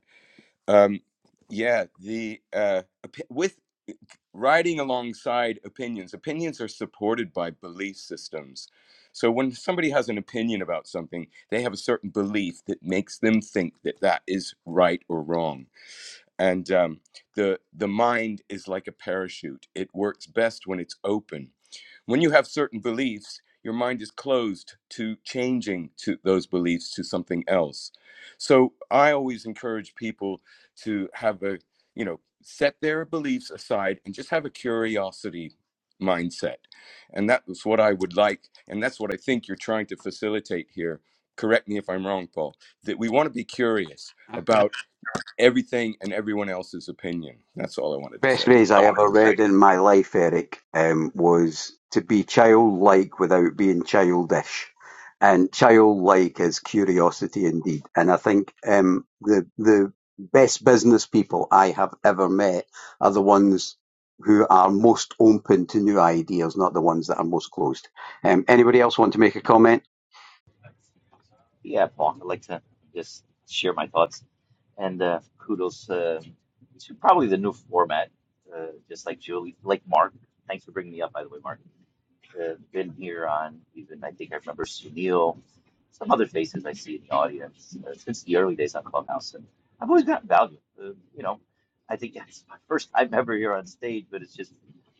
G: Um, yeah, the uh, opi- with riding alongside opinions. Opinions are supported by belief systems. So when somebody has an opinion about something, they have a certain belief that makes them think that that is right or wrong. And um, the the mind is like a parachute. It works best when it's open when you have certain beliefs, your mind is closed to changing to those beliefs to something else. So I always encourage people to have a, you know, set their beliefs aside and just have a curiosity mindset. And that was what I would like. And that's what I think you're trying to facilitate here. Correct me if I'm wrong, Paul, that we want to be curious about everything and everyone else's opinion. That's all I wanted to
C: Best
G: say.
C: phrase I ever read in my life, Eric, um, was to be childlike without being childish. And childlike is curiosity indeed. And I think um, the the best business people I have ever met are the ones who are most open to new ideas, not the ones that are most closed. Um, anybody else want to make a comment?
K: Yeah, Vaughn, I'd like to just share my thoughts and uh, kudos uh, to probably the new format. Uh, just like Julie, like Mark. Thanks for bringing me up, by the way, Mark. Uh, been here on even I think I remember Sunil, some other faces I see in the audience uh, since the early days on Clubhouse, and I've always gotten value. Uh, you know, I think it's my first time ever here on stage, but it's just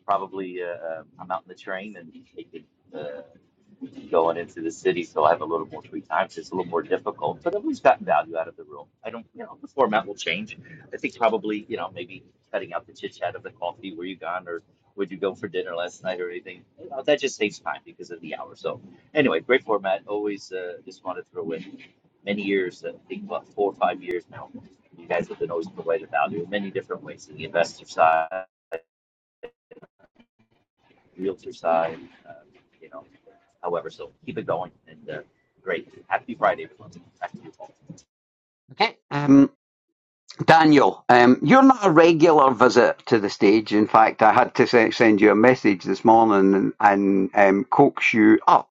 K: probably uh, uh, I'm out in the train and taking. uh, going into the city, so I have a little more free time. So it's a little more difficult, but I've always gotten value out of the room. I don't, you know, the format will change. I think probably, you know, maybe cutting out the chit chat of the coffee. Where you gone, or would you go for dinner last night, or anything? You know, that just takes time because of the hour. So anyway, great format. Always uh, just want to throw in many years. I think about four or five years now. You guys have been always providing value in many different ways, in the investor side realtor side, uh, you know, however, so keep it going and, uh, great. Happy Friday, everyone. Back to you, Paul.
C: Okay. Um, Daniel, um, you're not a regular visit to the stage. In fact, I had to se- send you a message this morning and, and um, coax you up.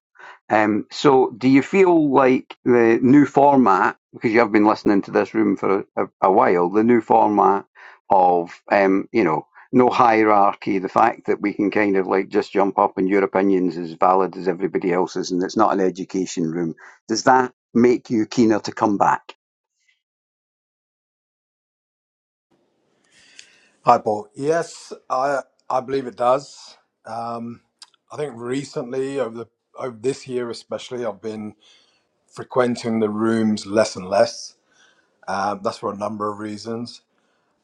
C: Um, so, do you feel like the new format, because you have been listening to this room for a, a while, the new format of, um, you know, no hierarchy, the fact that we can kind of like just jump up and your opinion's as valid as everybody else's and it's not an education room, does that make you keener to come back?
J: Hi, Paul. Yes, I I believe it does. Um, I think recently, over the over this year especially, I've been frequenting the rooms less and less. Um, that's for a number of reasons.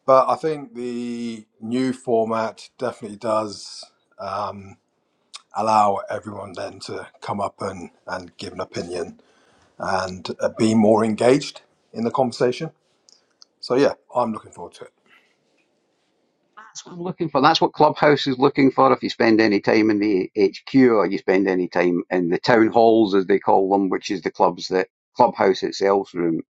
J: But I think the new format definitely does um, allow everyone then to come up and, and give an opinion and uh, be more engaged in the conversation. So, yeah, I'm looking forward to it.
C: That's what I'm looking for. That's what Clubhouse is looking for. If you spend any time in the HQ or you spend any time in the town halls, as they call them, which is the clubs that Clubhouse itself room,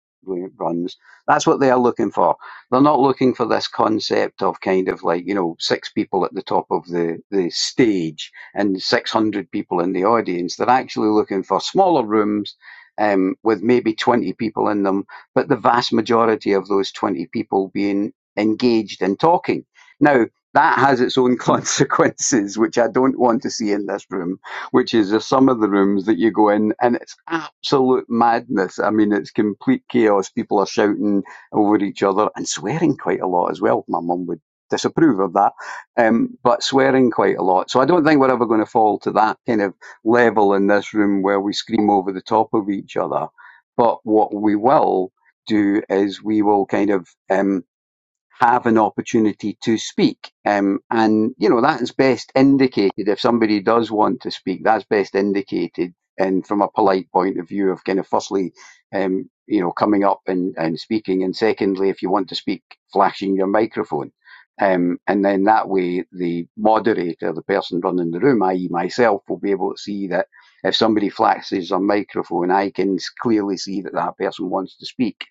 C: runs, that's what they are looking for. They're not looking for this concept of kind of like, you know, six people at the top of the, the stage and 600 people in the audience. They're actually looking for smaller rooms. Um, with maybe 20 people in them, but the vast majority of those 20 people being engaged in talking now, that has its own consequences, which I don't want to see in this room, which is there's some of the rooms that you go in and it's absolute madness. I mean, it's complete chaos. People are shouting over each other and swearing quite a lot as well. My mum would disapprove of that, um, but swearing quite a lot. So I don't think we're ever going to fall to that kind of level in this room where we scream over the top of each other. But what we will do is we will kind of. Um, have an opportunity to speak. Um, and, you know, that is best indicated if somebody does want to speak, that's best indicated. And from a polite point of view of kind of firstly, um, you know, coming up and, and speaking. And secondly, if you want to speak, flashing your microphone. Um, and then that way the moderator, the person running the room, i.e. myself, will be able to see that if somebody flashes a microphone, I can clearly see that that person wants to speak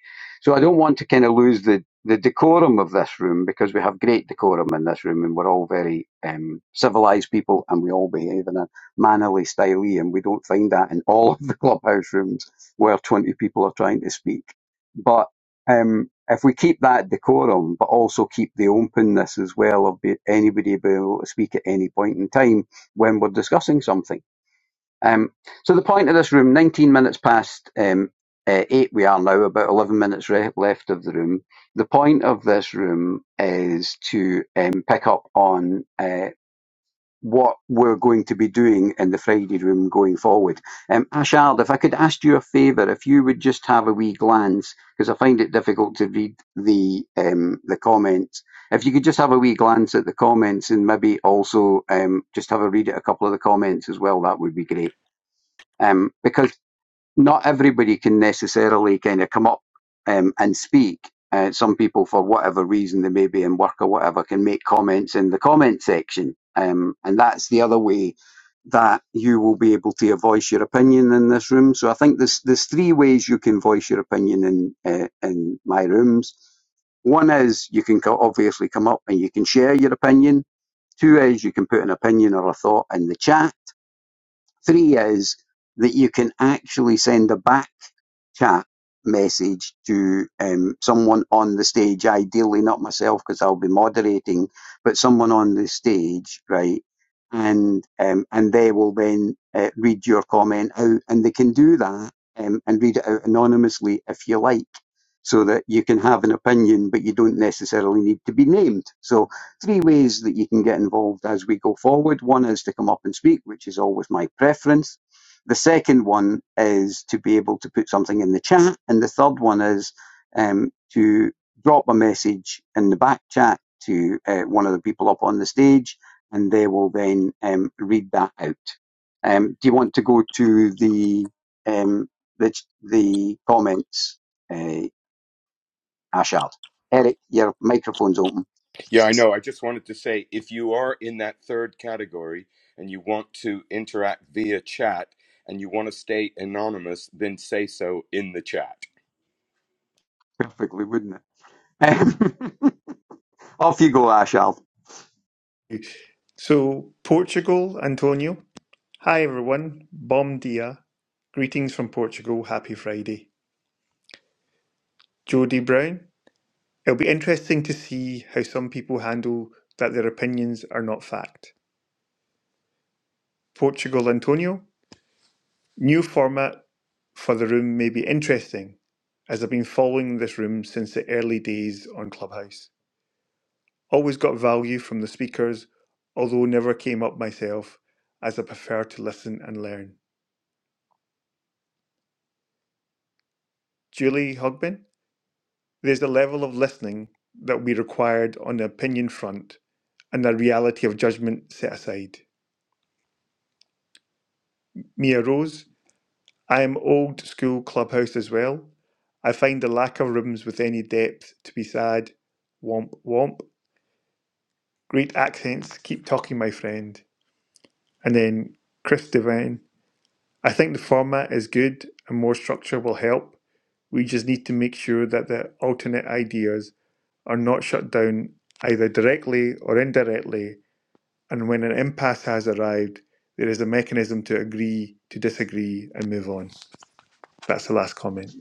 C: so I don't want to kind of lose the, the decorum of this room because we have great decorum in this room and we're all very um, civilized people and we all behave in a mannerly style and we don't find that in all of the clubhouse rooms where 20 people are trying to speak. But um, if we keep that decorum but also keep the openness as well of be, anybody being able to speak at any point in time when we're discussing something um, so the point of this room, 19 minutes past um, uh, 8 we are now, about 11 minutes re- left of the room. The point of this room is to um, pick up on uh, what we're going to be doing in the Friday room going forward. Um, Ashard, if I could ask you a favour, if you would just have a wee glance, because I find it difficult to read the um, the comments. If you could just have a wee glance at the comments and maybe also um, just have a read at a couple of the comments as well, that would be great um, because not everybody can necessarily kind of come up um, and speak. Uh, some people, for whatever reason they may be in work or whatever, can make comments in the comment section, um, and that's the other way that you will be able to voice your opinion in this room. So I think there's there's three ways you can voice your opinion in uh, in my rooms. One is you can co- obviously come up and you can share your opinion. Two is you can put an opinion or a thought in the chat Three is that you can actually send a back chat message to um, someone on the stage, ideally not myself because I'll be moderating, but someone on the stage, right? And um, and they will then uh, read your comment out, and they can do that um, and read it out anonymously if you like, so that you can have an opinion, but you don't necessarily need to be named. So three ways that you can get involved as we go forward. One is to come up and speak, which is always my preference. The second one is to be able to put something in the chat. And the third one is um, to drop a message in the back chat to uh, one of the people up on the stage, and they will then um, read that out. Um, do you want to go to the um, the, the comments, uh, Ashard? Eric, your microphone's open
G: Yeah, I know. I just wanted to say if you are in that third category and you want to interact via chat and you want to stay anonymous, then say so in the chat.
C: perfectly, wouldn't it? Off you go, Ashal.
F: So, Portugal, Antonio. Hi, everyone. Bom dia. Greetings from Portugal. Happy Friday. Jody Brown. It'll be interesting to see how some people handle that their opinions are not fact. Portugal, Antonio. New format for the room may be interesting, as I've been following this room since the early days on Clubhouse. Always got value from the speakers, although never came up myself, as I prefer to listen and learn. Julie Hogbin. There's a level of listening that we required on the opinion front and a reality of judgment set aside. Mia Rose, I am old school clubhouse as well. I find the lack of rooms with any depth to be sad. Womp womp. Great accents, keep talking, my friend. And then Chris Devine. I think the format is good and more structure will help. We just need to make sure that the alternate ideas are not shut down either directly or indirectly And when an impasse has arrived, there is a mechanism to agree to disagree and move on. That's the last comment.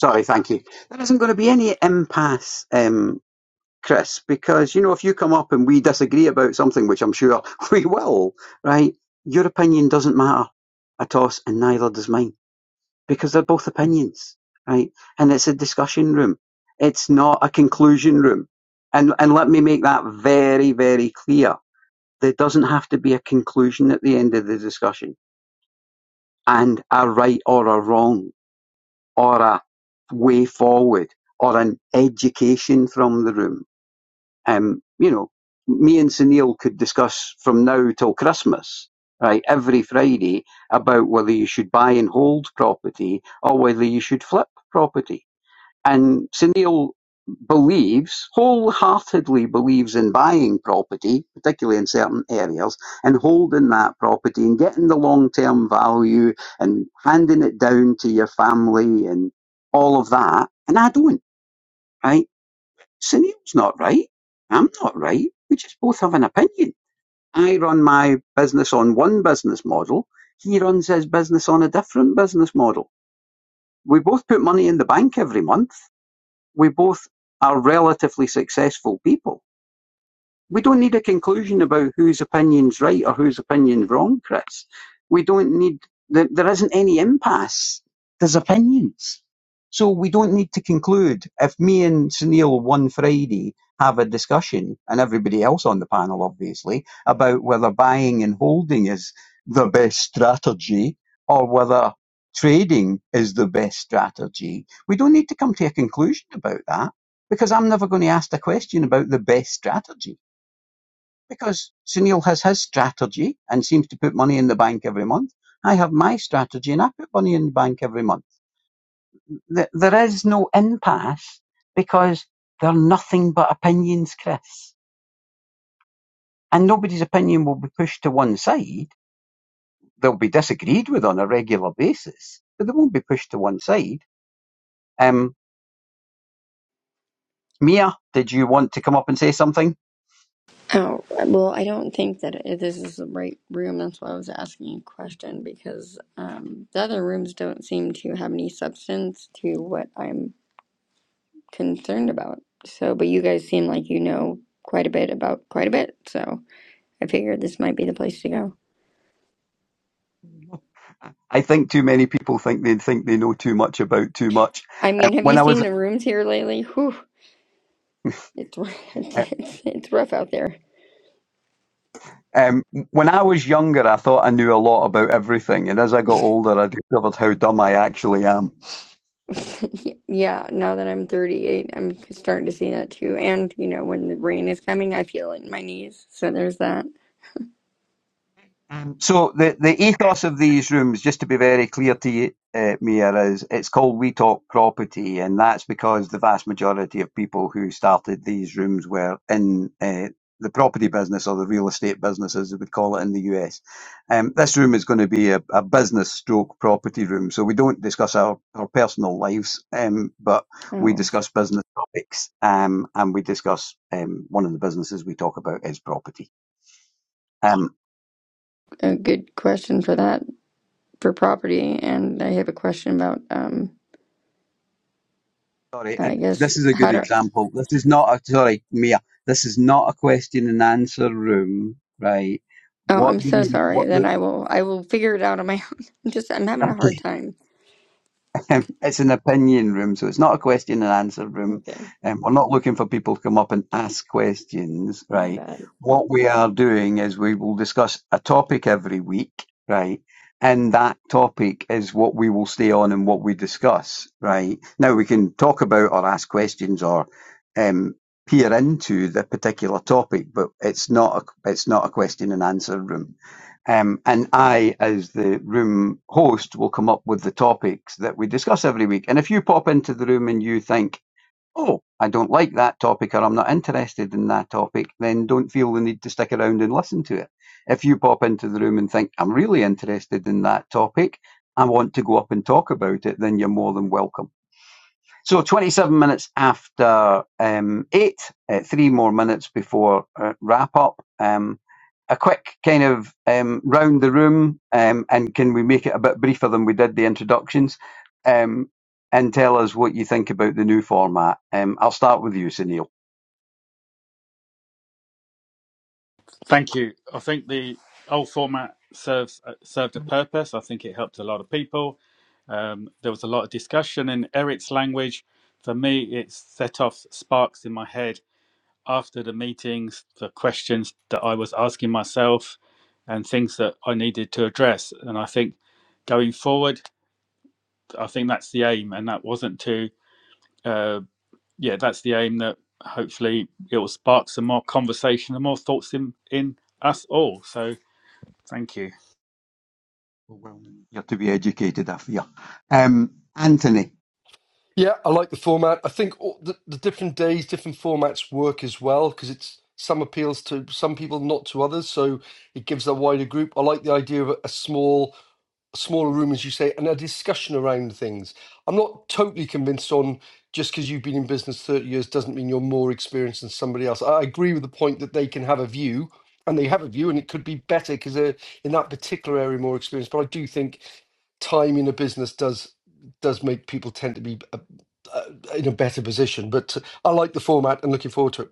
C: Sorry, thank you. There isn't going to be any impasse, um, Chris, because you know if you come up and we disagree about something, which I'm sure we will, right? Your opinion doesn't matter at all, and neither does mine, because they're both opinions, right? And it's a discussion room. It's not a conclusion room. And and let me make that very, very clear. There doesn't have to be a conclusion at the end of the discussion and a right or a wrong or a way forward or an education from the room. Um, you know, me and Sunil could discuss from now till Christmas, right, every Friday about whether you should buy and hold property or whether you should flip property. And Sunil believes, wholeheartedly believes in buying property, particularly in certain areas, and holding that property and getting the long term value and handing it down to your family and all of that. And I don't, right? Sunil's not right. I'm not right. We just both have an opinion. I run my business on one business model. He runs his business on a different business model. We both put money in the bank every month we both are relatively successful people we don't need a conclusion about whose opinion's right or whose opinion's wrong, Chris. We don't need there, there isn't any impasse. There's opinions. So we don't need to conclude. If me and Sunil one Friday have a discussion, and everybody else on the panel obviously, about whether buying and holding is the best strategy or whether trading is the best strategy, we don't need to come to a conclusion about that because I'm never going to ask the question about the best strategy. Because Sunil has his strategy and seems to put money in the bank every month. I have my strategy and I put money in the bank every month. There is no impasse because they're nothing but opinions, Chris. And nobody's opinion will be pushed to one side. They'll be disagreed with on a regular basis, but they won't be pushed to one side. Um, Mia, did you want to come up and say something?
L: Oh, well, I don't think that i this is the right room. That's why I was asking you a question because um, the other rooms don't seem to have any substance to what I'm concerned about. So, but you guys seem like you know quite a bit about quite a bit. So I figured this might be the place to go.
C: I think too many people think they think they know too much about too much.
L: I mean, have
C: When
L: you
C: I
L: seen
C: was
L: the rooms here lately? Whew, it's, r- it's,
C: uh,
L: it's, it's rough out there.
C: um, when I was younger, I thought I knew a lot about everything, and as I got older, I discovered how dumb I actually am.
L: Yeah, now that I'm 38, I'm starting to see that too. And, you know, when the rain is coming, I feel it in my knees. So there's that.
C: So the, the ethos of these rooms, just to be very clear to you, uh, Mia, is it's called We Talk Property, and that's because the vast majority of people who started these rooms were in uh, the property business or the real estate business, as we would call it in the US. Um, this room is going to be a, a business stroke property room, so we don't discuss our, our personal lives, um, but we
L: Oh,
C: discuss business topics, um, and we discuss um, one of the businesses we talk about is property. Um,
L: a good question for that for property. And I have a question about um
C: Sorry, I,
L: I
C: this
L: guess
C: is a good
L: how to
C: example. This is not a sorry, Mia. This is not a question and answer room, right?
L: Oh,
C: What
L: I'm
C: do
L: so
C: you
L: sorry.
C: what the
L: Then I will I will figure it out on my own. I'm just I'm having a
C: okay?
L: hard time.
C: Um, it's an opinion room, so it's not a question and answer room.
L: Okay,
C: Um, we're not looking for people to come up and ask questions,
L: my
C: right?
L: bad.
C: What we are doing is we will discuss a topic every week, right? And that topic is what we will stay on and what we discuss, right? Now we can talk about or ask questions or um, peer into the particular topic, but it's not a, it's not a question and answer room. Um, and I, as the room host, will come up with the topics that we discuss every week. And if you pop into the room and you think, oh, I don't like that topic or I'm not interested in that topic, then don't feel the need to stick around and listen to it. If you pop into the room and think, I'm really interested in that topic, I want to go up and talk about it, then you're more than welcome. So 27 minutes after um, eight, uh, three more minutes before uh, wrap up. Um, a quick kind of um, round the room, um, and can we make it a bit briefer than we did the introductions? Um, and tell us what you think about the new format. Um, I'll start with you, Sunil.
A: Thank you. I think the old format serves uh, served a purpose. I think it helped a lot of people. Um, there was a lot of discussion in Eric's language. For me, it set off sparks in my head after the meetings, the questions that I was asking myself, and things that I needed to address. And I think going forward, I think that's the aim. And that wasn't to Um, yeah, that's the aim that hopefully it will spark some more conversation and more thoughts in in us all. So thank you.
C: Well, you're to be educated, I fear. Um, Anthony.
B: Yeah, I like the format. I think all the, the different days, different formats work as well because it's some appeals to some people, not to others. So it gives a wider group. I like the idea of a, a small a smaller room, as you say, and a discussion around things. I'm not totally convinced on just because you've been in business 30 years doesn't mean you're more experienced than somebody else. I agree with the point that they can have a view and they have a view and it could be better because they're in that particular area more experienced. But I do think time in a business does does make people tend to be uh uh in a better position. But I like the format and looking forward to it.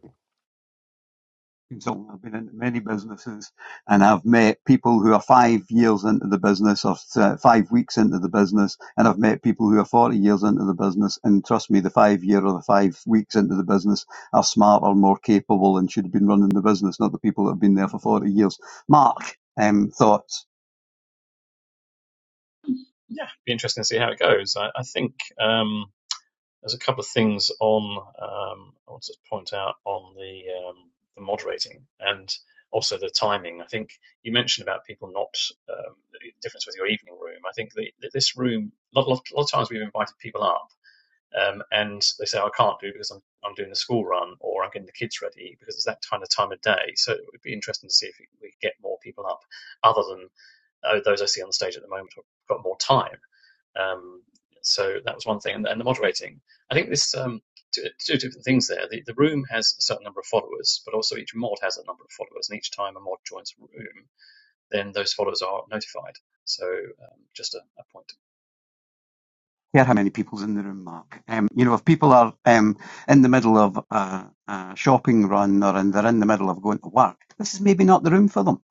C: So I've been into many businesses and I've met people who are five years into the business or uh, five weeks into the business. And I've met people who are 40 years into the business. And trust me, the five year or the five weeks into the business are smarter, more capable and should have been running the business, not the people that have been there for 40 years. Mark, um, thoughts?
D: Yeah, it'd be interesting to see how it goes. I, I think. Um, There's a couple of things on um, I want to point out on the um, the moderating and also the timing. I think you mentioned about people not um, the difference with your evening room. I think that this room a lot, lot, lot of times we've invited people up um, and they say oh, I can't do because I'm I'm doing the school run or I'm getting the kids ready because it's that kind of time of day. So it would be interesting to see if we we get more people up other than uh, those I see on the stage at the moment have got more time um, so that was one thing, and, and the moderating. I think this um, two, two different things there. The, the room has a certain number of followers, but also each mod has a number of followers, and each time a mod joins a room, then those followers are notified. So um, just a, a point.
C: care how many people's in the room, Mark. Um, you know, if people are um, in the middle of a, a shopping run or and they're in the middle of going to work, this is maybe not the room for them.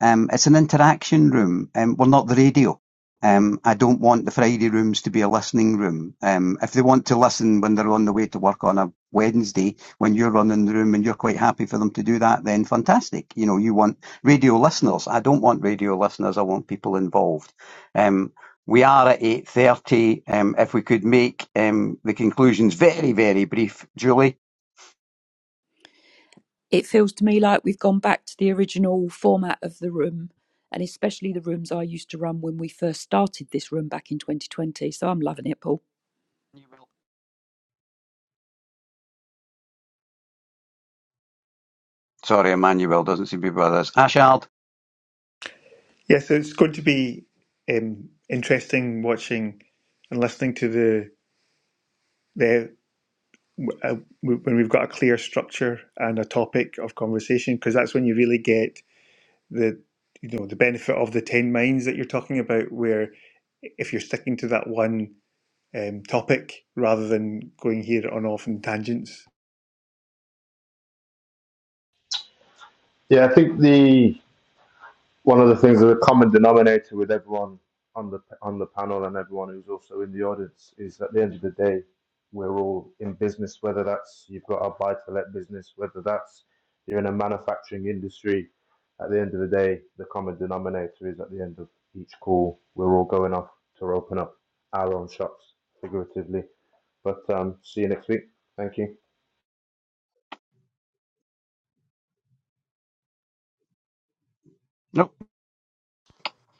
C: Um, it's an interaction room. Um, we're not the radio. Um, I don't want the Friday rooms to be a listening room. Um, if they want to listen when they're on the way to work on a Wednesday, when you're running the room and you're quite happy for them to do that, then fantastic. You know, you want radio listeners. I don't want radio listeners. I want people involved. Um, we are at 8.30. Um, if we could make um, the conclusions very, very brief. Julie?
I: it feels to me like we've gone back to the original format of the room and especially the rooms I used to run when we first started this room back in 2020. So I'm loving it, Paul.
C: Sorry, Emmanuel doesn't seem to be with us. Ashard?
F: Yeah, so it's going to be um, interesting watching and listening to the the uh, when we've got a clear structure and a topic of conversation, because that's when you really get the you know the benefit of the ten minds that you're talking about, where if you're sticking to that one um, topic rather than going here on off in tangents.
H: Yeah, I think the one of the things that a common denominator with everyone on the on the panel and everyone who's also in the audience is at the end of the day we're all in business whether that's you've got a buy to let business whether that's you're in a manufacturing industry at the end of the day the common denominator is at the end of each call we're all going off to open up our own shops figuratively but um see you next week thank you
C: Nope.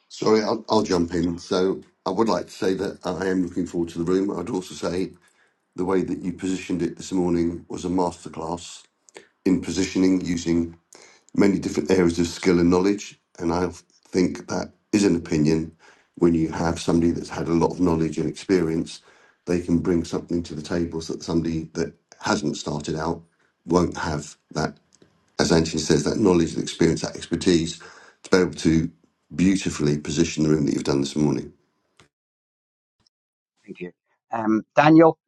E: Sorry, I'll, I'll jump in. So I would like to say that I am looking forward to the room. I'd also say the way that you positioned it this morning was a masterclass in positioning using many different areas of skill and knowledge. And I think that is an opinion. When you have somebody that's had a lot of knowledge and experience, they can bring something to the table so that somebody that hasn't started out won't have that, as Anthony says, that knowledge, that experience, that expertise to be able to beautifully position the room that you've done this morning.
C: Thank you. Um, Daniel?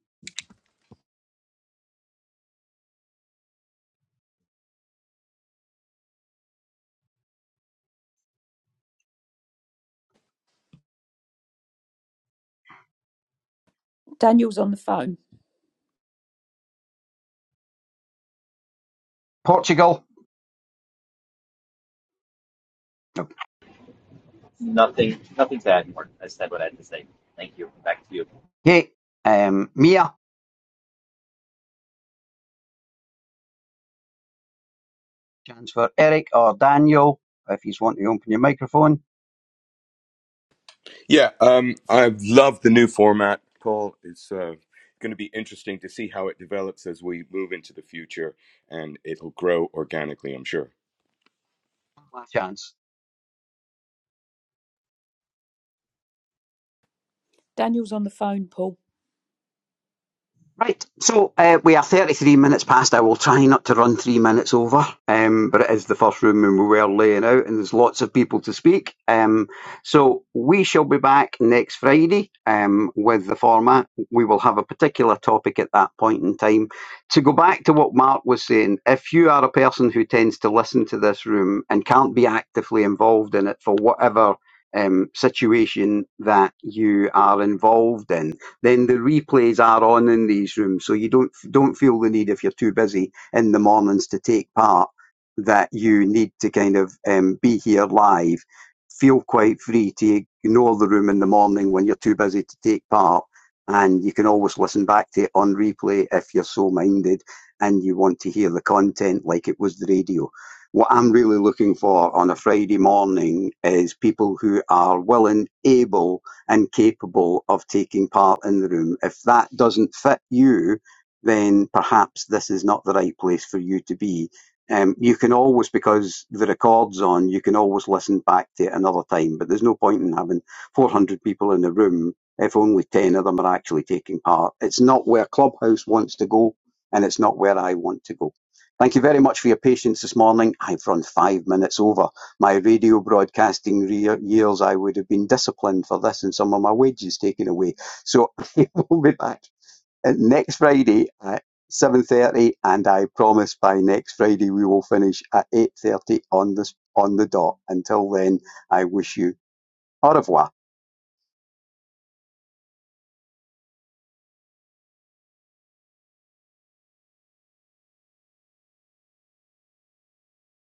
I: Daniel's on the phone.
C: Portugal? Nope.
K: Nothing, nothing to add more. I said what I had to say. Thank you. Back to you.
C: Kate? Um, Mia? Chance for Eric or Daniel, if you want to open your microphone.
G: Yeah, um, I love the new format, Paul. It's uh, going to be interesting to see how it develops as we move into the future, and it'll grow organically, I'm sure.
C: Last chance.
I: Daniel's on the phone, Paul.
C: Right, so uh, we are 33 minutes past. I will try not to run three minutes over, um, but it is the first room and we were laying out, and there's lots of people to speak. Um, so we shall be back next Friday um, with the format. We will have a particular topic at that point in time. To go back to what Mark was saying, if you are a person who tends to listen to this room and can't be actively involved in it for whatever um, situation that you are involved in, then the replays are on in these rooms. So you don't don't feel the need if you're too busy in the mornings to take part that you need to kind of um, be here live. Feel quite free to ignore the room in the morning when you're too busy to take part. And you can always listen back to it on replay if you're so minded and you want to hear the content like it was the radio. What I'm really looking for on a Friday morning is people who are willing, able, and capable of taking part in the room. If that doesn't fit you, then perhaps this is not the right place for you to be. Um, you can always, because the record's on, you can always listen back to it another time, but there's no point in having 400 people in the room if only 10 of them are actually taking part. It's not where Clubhouse wants to go, and it's not where I want to go. Thank you very much for your patience this morning. I've run five minutes over. My radio broadcasting re- years, I would have been disciplined for this and some of my wages taken away. So I will be back uh, next Friday at 7.30 and I promise by next Friday we will finish at 8.30 on, the on the dot. Until then, I wish you au revoir.